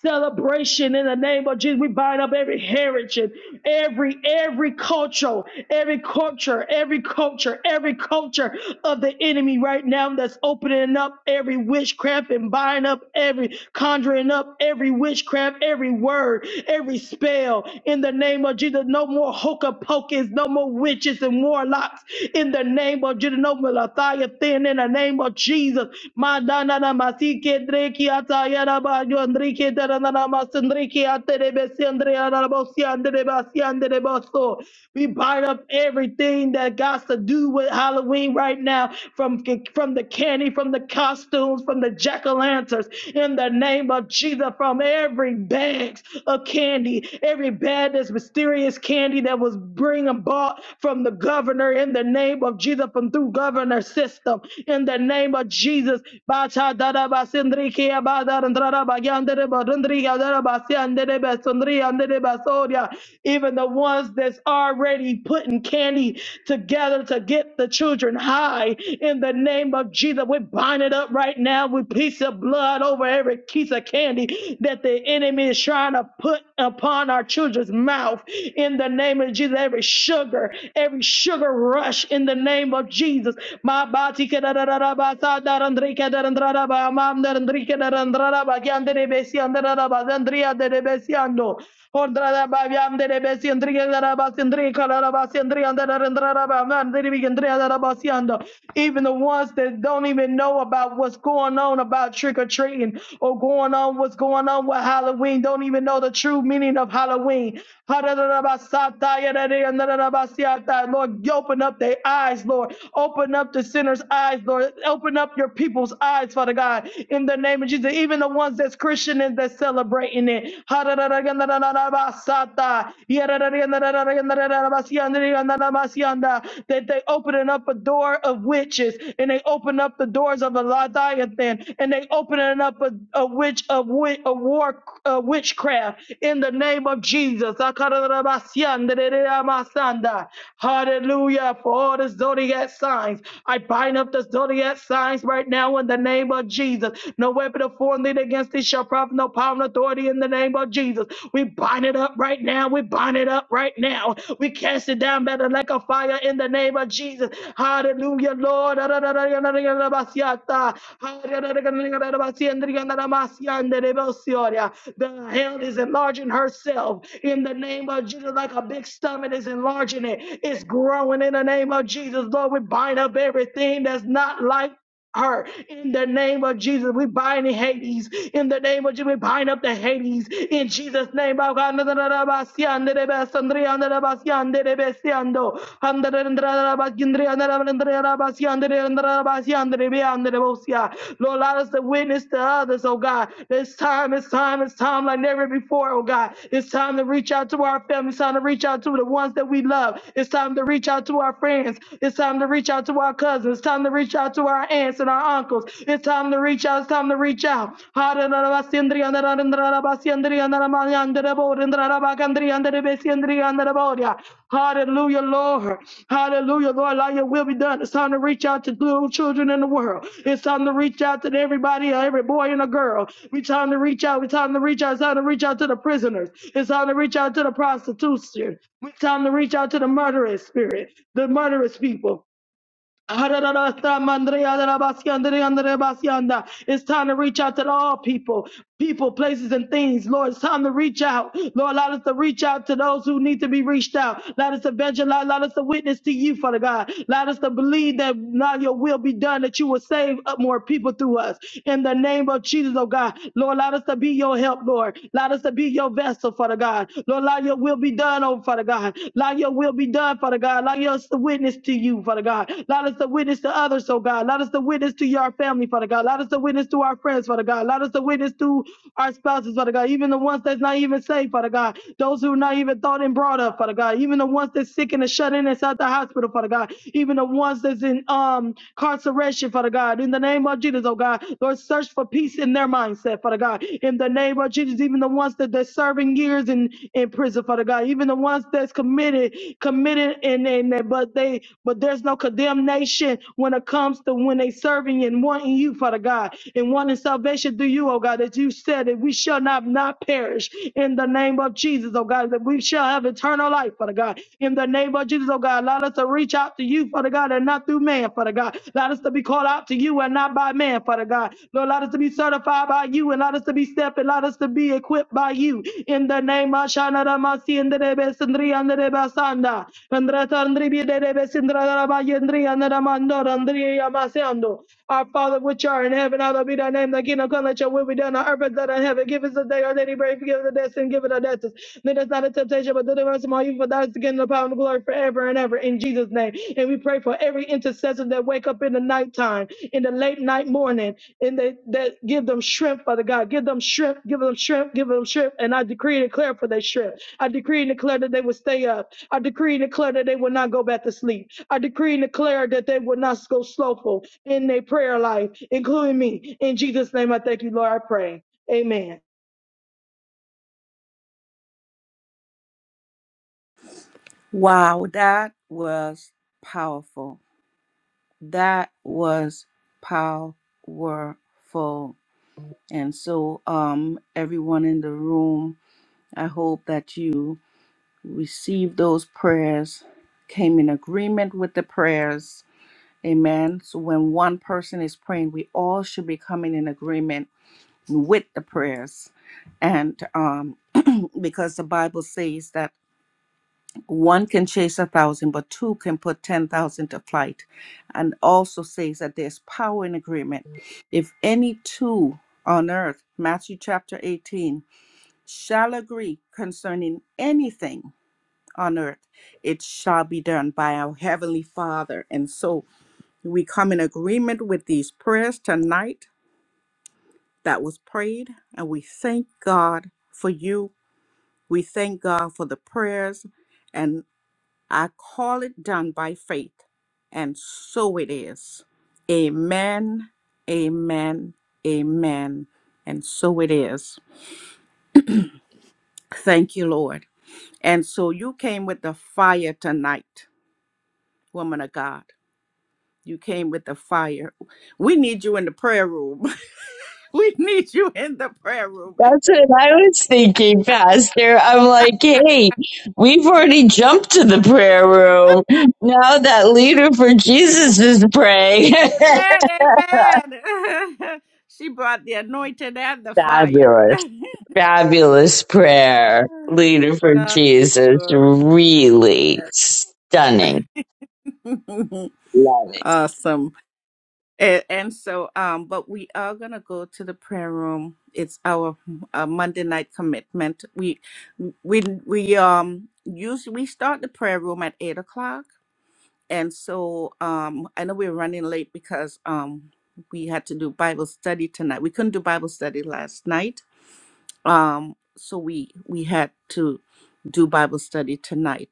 celebration in the name of Jesus. We bind up every heritage, every every culture, every culture, every culture, every culture of the enemy right now that's opening up every witchcraft and buying up every conjuring up every witchcraft, every word, every spell in the name of Jesus. No more hocus pocus, no more witches and warlocks in the name of Jesus. No more Leviathan in the name of Jesus. Madana Rayo Enrique Dananamas Enrique Aterebes Andre Arabosi Andrebasi Andreboso. We bind up everything that got to do with Halloween right now, from from the candy, from the costumes, from the jack-o'-lanterns, in the name of Jesus, from every bags of candy, every bag that's mysterious candy that was bring and bought from the governor in the name of Jesus, from through governor system, in the name of Jesus. Bacha darabas Enrique even the ones that's already putting candy together to get the children high in the name of Jesus. We bind it up right now with piece of blood over every piece of candy that the enemy is trying to put upon our children's mouth in the name of Jesus. Every sugar, every sugar rush in the name of Jesus. Ma ba ti ke da da da da ba sa da dan dri ke da dan dra da ba ma andrada bagyan de besi andrada bazandria de besi ando Hondrada babiam de besi andria da basandri kalara basandri andara andrada babiam de bigandria da basiando even the ones that don't even know about what's going on about trick or treating or going on what's going on with Halloween don't even know the true meaning of Halloween Lord open up their eyes Lord open up the sinner's eyes Lord open up your people's eyes Father Father God, in the name of Jesus, even the ones that's Christian and that's celebrating it. That they opening up a door of witches and they open up the doors of a Leviathan and they opening up a, a witch of wi- a war uh, witchcraft in the name of Jesus. Hallelujah. For all the zodiac signs. I bind up the zodiac signs right now now in the name of Jesus. No weapon of form lead against thee shall profit, no power and authority in the name of Jesus. We bind it up right now. We bind it up right now. We cast it down better like a fire in the name of Jesus. Hallelujah, Lord. The hell is enlarging herself in the name of Jesus, like a big stomach is enlarging it. It's growing in the name of Jesus. Lord, we bind up everything that's not like her in the name of Jesus. We bind Hades in the name of Jesus. We bind up the Hades in Jesus' name. Oh God, Lord, allow us to witness to others, oh God. It's time, it's time, it's time like never before, oh God. It's time to reach out to our family. It's time to reach out to the ones that we love. It's time to reach out to our friends. It's time to reach out to our cousins time to reach out to our aunts and our uncles. It's time to reach out. It's time to reach out. Hallelujah, Lord. Hallelujah, Lord. Allow your will be done. It's time to reach out to little children in the world. It's time to reach out to everybody, every boy and a girl. We time to reach out. We time to reach out. It's time to reach out to the prisoners. It's time to reach out to the prostitution. We time to reach out to the murderous spirit, the murderous people. It's time to reach out to all people, people, places, and things. Lord, it's time to reach out. Lord, allow us to reach out to those who need to be reached out. Allow us to evangelize. Allow us to witness to you, Father God. Allow us to believe that now your will be done, that you will save up more people through us. In the name of Jesus, oh God. Lord, allow us to be your help, Lord. Allow us to be your vessel, Father God. Lord, allow your will be done, oh Father God. Allow your will be done done, Father God. Allow us to witness to you, Father God. Allow us to witness to others, oh God. Allow us to witness to your family, Father God. Allow us to witness to our friends, Father God. Allow us to witness to our spouses, Father God. Even the ones that's not even saved, Father God. Those who are not even thought and brought up, Father God. Even the ones that's sick and are shut in inside the hospital, Father God. Even the ones that's in um incarceration, Father God. In the name of Jesus, oh God, Lord, search for peace in their mindset, Father God. In the name of Jesus, even the ones that they're serving years and and in prison, Father God. Even the ones that's committed, committed and in there, but they but there's no condemnation when it comes to when they serving and wanting you, Father God, and wanting salvation through you, oh God, that you said that we shall not not perish in the name of Jesus, oh God, that we shall have eternal life, Father God. In the name of Jesus, oh God, allow us to reach out to you, Father God, and not through man, Father God. Allow us to be called out to you and not by man, Father God. Lord, allow us to be certified by you and allow us to be stepping up and let us to be equipped by you. In the name of Shana Ramasi and the Rebes and Basanda. And Ratandribi de Rebes and Rabayendri and Ramando and Yamasando. Our Father which art in heaven, hallowed be thy name, thy kingdom come, let your will be done on earth as it is in heaven. Give us a day our daily bread, forgive us our debts and give us our debtors. Lead us not into temptation, but deliver us from all evil. For thine is the kingdom, the power, and the glory forever and ever. In Jesus' name. And we pray for every intercessor that wake up in the nighttime, in the late night morning, and they that give them shrimp, Father God. Give them shrimp, give them shrimp, give them shrimp. And I decree and declare for their shrimp. I decree and declare that they will stay up. I decree and declare that they will not go back to sleep. I decree and declare that they will not go slowful in their prayer life, including me. In Jesus' name, I thank you, Lord. I pray. Amen.
Wow, that was powerful. That was powerful. And so, um, everyone in the room, I hope that you received those prayers, came in agreement with the prayers. Amen. So when one person is praying, we all should be coming in agreement with the prayers. And um, [CLEARS THROAT] because the Bible says that one can chase a thousand, but two can put 10,000 to flight. And also says that there's power in agreement. If any two on earth, Matthew chapter 18, shall agree concerning anything on earth, it shall be done by our Heavenly Father. And so we come in agreement with these prayers tonight that was prayed, and we thank God for you. We thank God for the prayers, and I call it done by faith. And so it is. Amen, amen, amen. And so it is. Thank you, Lord. And so you came with the fire tonight, woman of God. You came with the fire. We need you in the prayer room. [LAUGHS] we need you in the prayer room.
That's what I was thinking, Pastor. I'm like, hey, we've already jumped to the prayer room. Now that leader for Jesus is praying.
Amen. Amen. [LAUGHS] she brought the anointing and the
[LAUGHS]
fire. [LAUGHS]
fabulous, fabulous prayer. Leader for
God,
Jesus.
glory.
Really stunning.
[LAUGHS]
Love it.
awesome. And, and so, um, but we are gonna go to the prayer room. It's our uh, Monday night commitment. We, we, we um, usually we start the prayer room at eight o'clock And so um, I know we're running late because um, we had to do Bible study tonight. We couldn't do Bible study last night, um, so we we had to do Bible study tonight.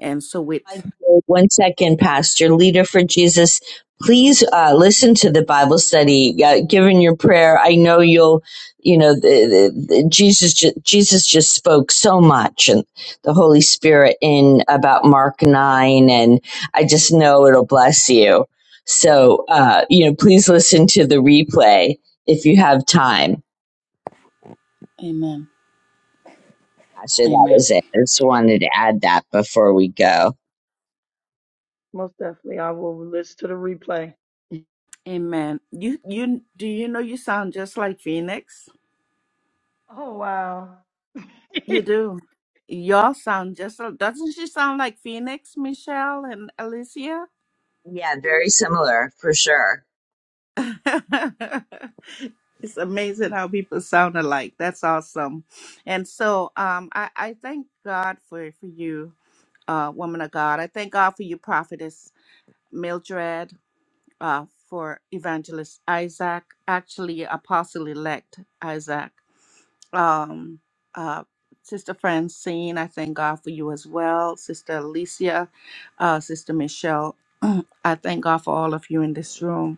And so with
One second, Pastor, leader for Jesus. Please uh, listen to the Bible study. Uh, given your prayer, I know you'll, you know, the, the, the Jesus. ju- Jesus just spoke so much, and the Holy Spirit in about Mark nine, and I just know it'll bless you. So, uh, you know, please listen to the replay if you have time.
Amen,
Pastor, that
Amen,
was it. I just wanted to add that before we go.
Most definitely, I will listen to the replay.
Amen. You you do you know you sound just like Phoenix?
Oh wow,
You do. Y'all sound just doesn't she sound like Phoenix, Michelle, and Alicia?
Yeah, very similar for sure.
[LAUGHS] It's amazing how people sound alike. That's awesome. And so um, I, I thank God for, for you, uh, woman of God. I thank God for you, prophetess Mildred, uh, for evangelist Isaac, actually, apostle elect Isaac. Um, uh, Sister Francine, I thank God for you as well. Sister Alicia, uh, Sister Michelle, [CLEARS THROAT] I thank God for all of you in this room.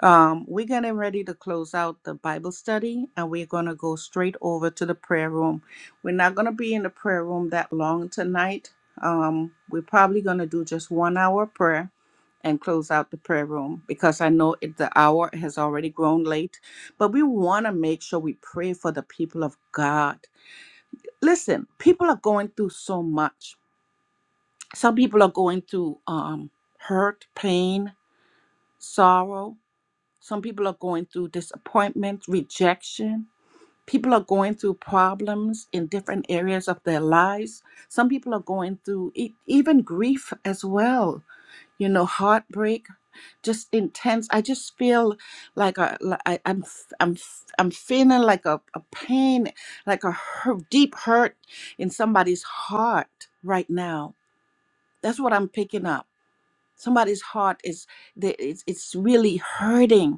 Um, we're getting ready to close out the Bible study and we're going to go straight over to the prayer room. We're not going to be in the prayer room that long tonight. Um, we're probably going to do just one hour prayer and close out the prayer room because I know it, the hour has already grown late, but we want to make sure we pray for the people of God. Listen, people are going through so much. Some people are going through um, hurt, pain, sorrow some people are going through disappointment, rejection. People are going through problems in different areas of their lives. Some people are going through e- even grief as well, you know, heartbreak, just intense. I just feel like a, li- I, am I'm, f- I'm feeling like a, a pain, like a hu- deep hurt in somebody's heart right now. That's what I'm picking up. Somebody's heart is, they- it's, it's really hurting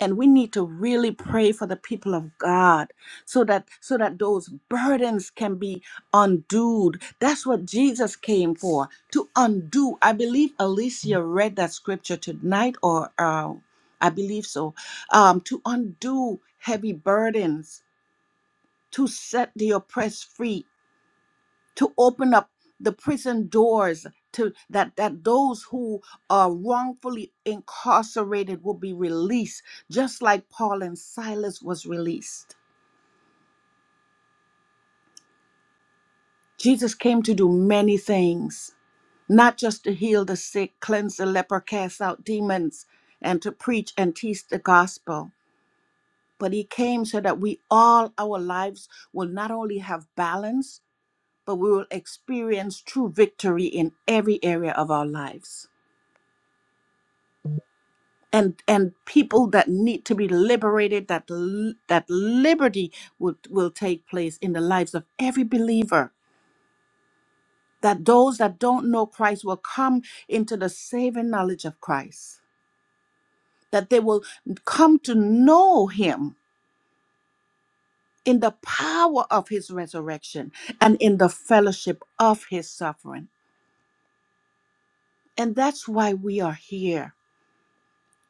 and we need to really pray for the people of God so that so that those burdens can be undoed. That's what Jesus came for, to undo. I believe Alicia read that scripture tonight or uh, I believe so. Um, to undo heavy burdens, to set the oppressed free to open up the prison doors to that that those who are wrongfully incarcerated will be released just like Paul and Silas was released. Jesus came to do many things, not just to heal the sick, cleanse the leper, cast out demons, and to preach and teach the gospel, but he came so that we all our lives will not only have balance, but we will experience true victory in every area of our lives. and and people that need to be liberated that l- that liberty will will take place in the lives of every believer that those that don't know Christ will come into the saving knowledge of Christ that they will come to know him in the power of his resurrection and in the fellowship of his suffering and that's why we are here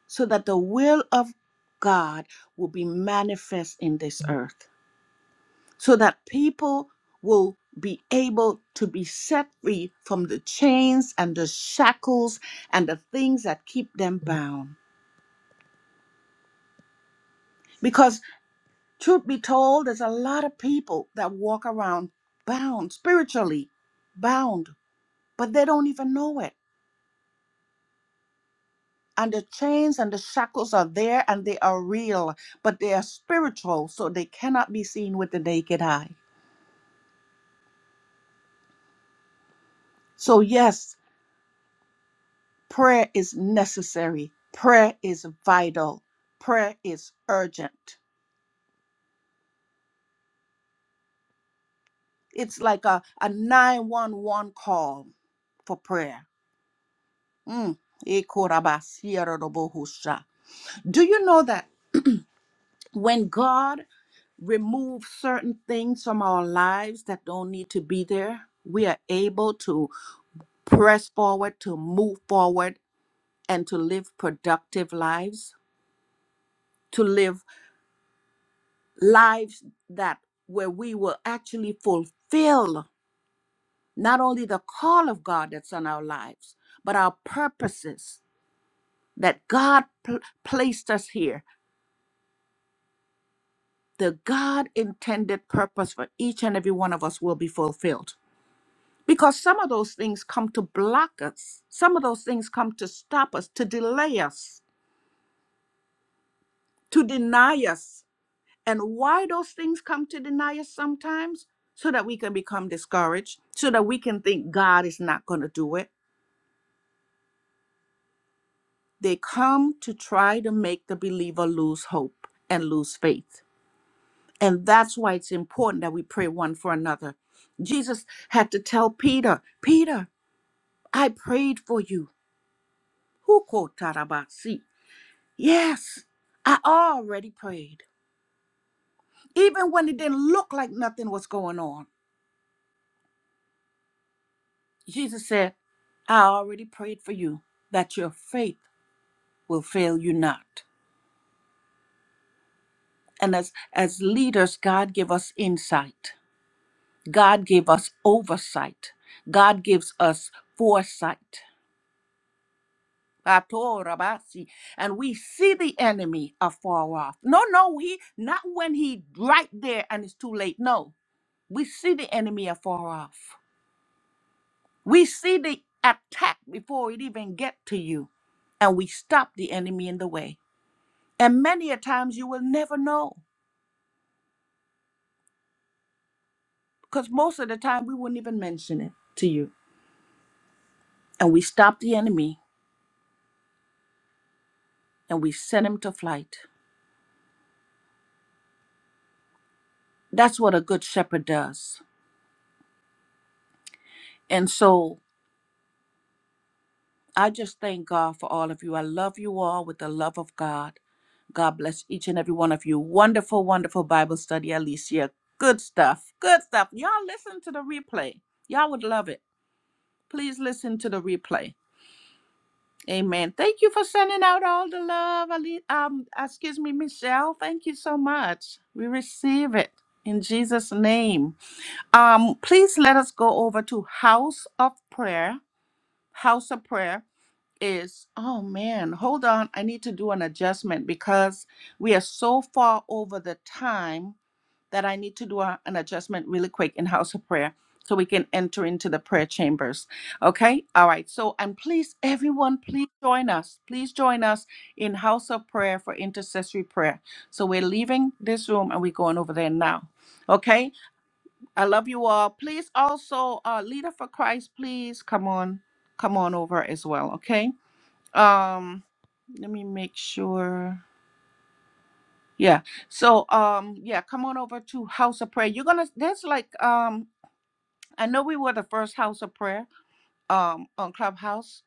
so that the will of God will be manifest in this earth so that people will be able to be set free from the chains and the shackles and the things that keep them bound. Because, truth be told, there's a lot of people that walk around bound, spiritually bound, but they don't even know it. And the chains and the shackles are there and they are real, but they are spiritual, so they cannot be seen with the naked eye. So, yes, Prayer is necessary. Prayer is vital. Prayer is urgent. It's like a, a 911 call for prayer. Mm. Ikorabasierodobohusha. Do you know that when God removes certain things from our lives that don't need to be there, we are able to press forward, to move forward, and to live productive lives? To live. lives that where we will actually fulfill not only the call of God that's on our lives, but our purposes that God pl- placed us here. The God intended purpose for each and every one of us will be fulfilled. Because some of those things come to block us, some of those things come to stop us, to delay us, to deny us. and why those things come to deny us sometimes so that we can become discouraged so that we can think god is not going to do it they come to try to make the believer lose hope and lose faith and that's why it's important that we pray one for another jesus had to tell peter peter i prayed for you who quote tarabasi yes i already prayed even when it didn't look like nothing was going on Jesus said, I already prayed for you that your faith will fail you not. And as, as leaders, God give us insight. God give us oversight. God gives us foresight. Pato rabasi. And we see the enemy afar off. No, no, he not when he right there and it's too late. No. We see the enemy afar off. We see the attack before it even get to you. And we stop the enemy in the way. And many a times you will never know because most of the time we wouldn't even mention it to you. And we stop the enemy and we send him to flight. That's what a good shepherd does. And so I just thank God for all of you. I love you all with the love of God. God bless each and every one of you. Wonderful, wonderful Bible study, Alicia. Good stuff. Good stuff. Y'all listen to the replay. Y'all would love it. Please listen to the replay. Amen. Thank you for sending out all the love, Ali. Um, uh, excuse me, Michelle. Thank you so much. We receive it in Jesus' name. Um, please let us go over to House of Prayer. House of Prayer is oh man, hold on. I need to do an adjustment because we are so far over the time that I need to do a- an adjustment really quick in house of prayer so we can enter into the prayer chambers. Okay? All right. So, and please, everyone, please join us. Please join us in house of prayer for intercessory prayer. So, we're leaving this room and we're going over there now. Okay? I love you all. Please also, uh, Leader for Christ, please come on, come on over as well. Okay? Um, let me make sure. Yeah. So um yeah, come on over to House of Prayer. You're gonna there's like um I know we were the first House of Prayer um on Clubhouse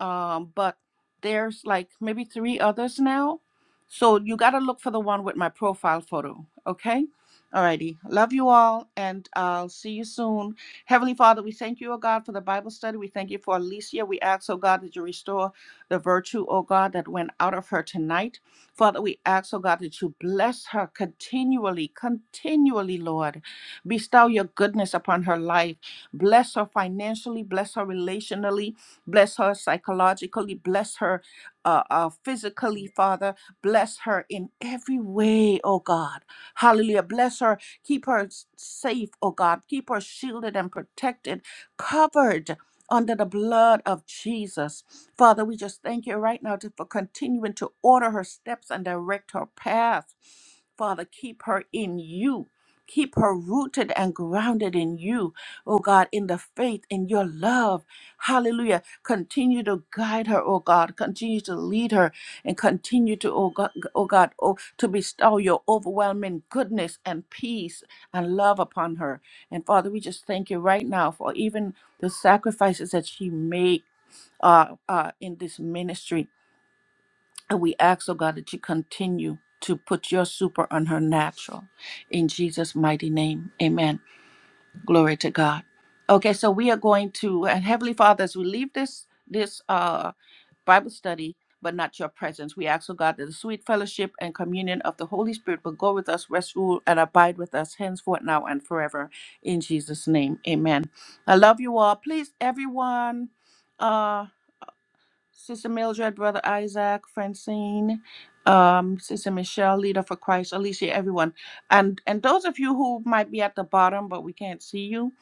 um, but there's like maybe three others now. So you gotta look for the one with my profile photo. Okay. Alrighty. Love you all and I'll see you soon. Heavenly Father, we thank you, O God, for the Bible study. We thank you for Alicia. We ask, oh God, that you restore the virtue, oh God, that went out of her tonight. Father, we ask, oh God, that you bless her continually, continually, Lord. Bestow your goodness upon her life. Bless her financially, bless her relationally, Bless her psychologically. Bless her uh, uh, physically, Father. Bless her in every way, oh God. Hallelujah. Bless her. Keep her s- safe, oh God. Keep her shielded and protected, covered under the blood of Jesus. Father, we just thank you right now to- for continuing to order her steps and direct her path. Father, keep her in you. Keep her rooted and grounded in you, oh God, in the faith, in your love. Hallelujah. Continue to guide her, oh God. Continue to lead her and continue to, oh God, oh God, oh, to bestow your overwhelming goodness and peace and love upon her. And Father, we just thank you right now for even the sacrifices that she made uh, uh, in this ministry. And we ask, oh God, that you continue to put your super on her natural. In Jesus' mighty name, amen. Glory to God. Okay, so we are going to and Heavenly Father, as we leave this this uh Bible study, but not your presence. We ask, O God, that the sweet fellowship and communion of the Holy Spirit will go with us, rest, rule, and abide with us henceforth, now, and forever. In Jesus' name, amen. I love you all. Please, everyone, uh, Sister Mildred, Brother Isaac, Francine, um, Sister Michelle, Leader for Christ, Alicia, everyone. And, and those of you who might be at the bottom, but we can't see you,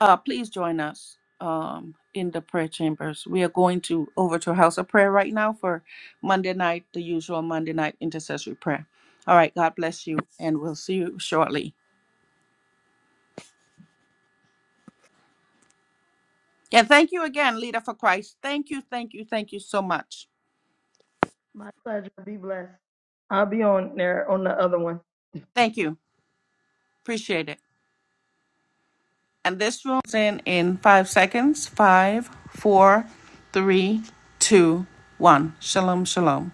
uh, please join us um, in the prayer chambers. We are going to over to House of Prayer right now for Monday night, the usual Monday night intercessory prayer. All right, God bless you, and we'll see you shortly. And thank you again, Leader for Christ. Thank you, thank you, thank you so much.
my pleasure. Be blessed. I'll be on there on the other one.
Thank you. Appreciate it. And this room's in in five seconds. Five, four, three, two, one. Shalom, shalom.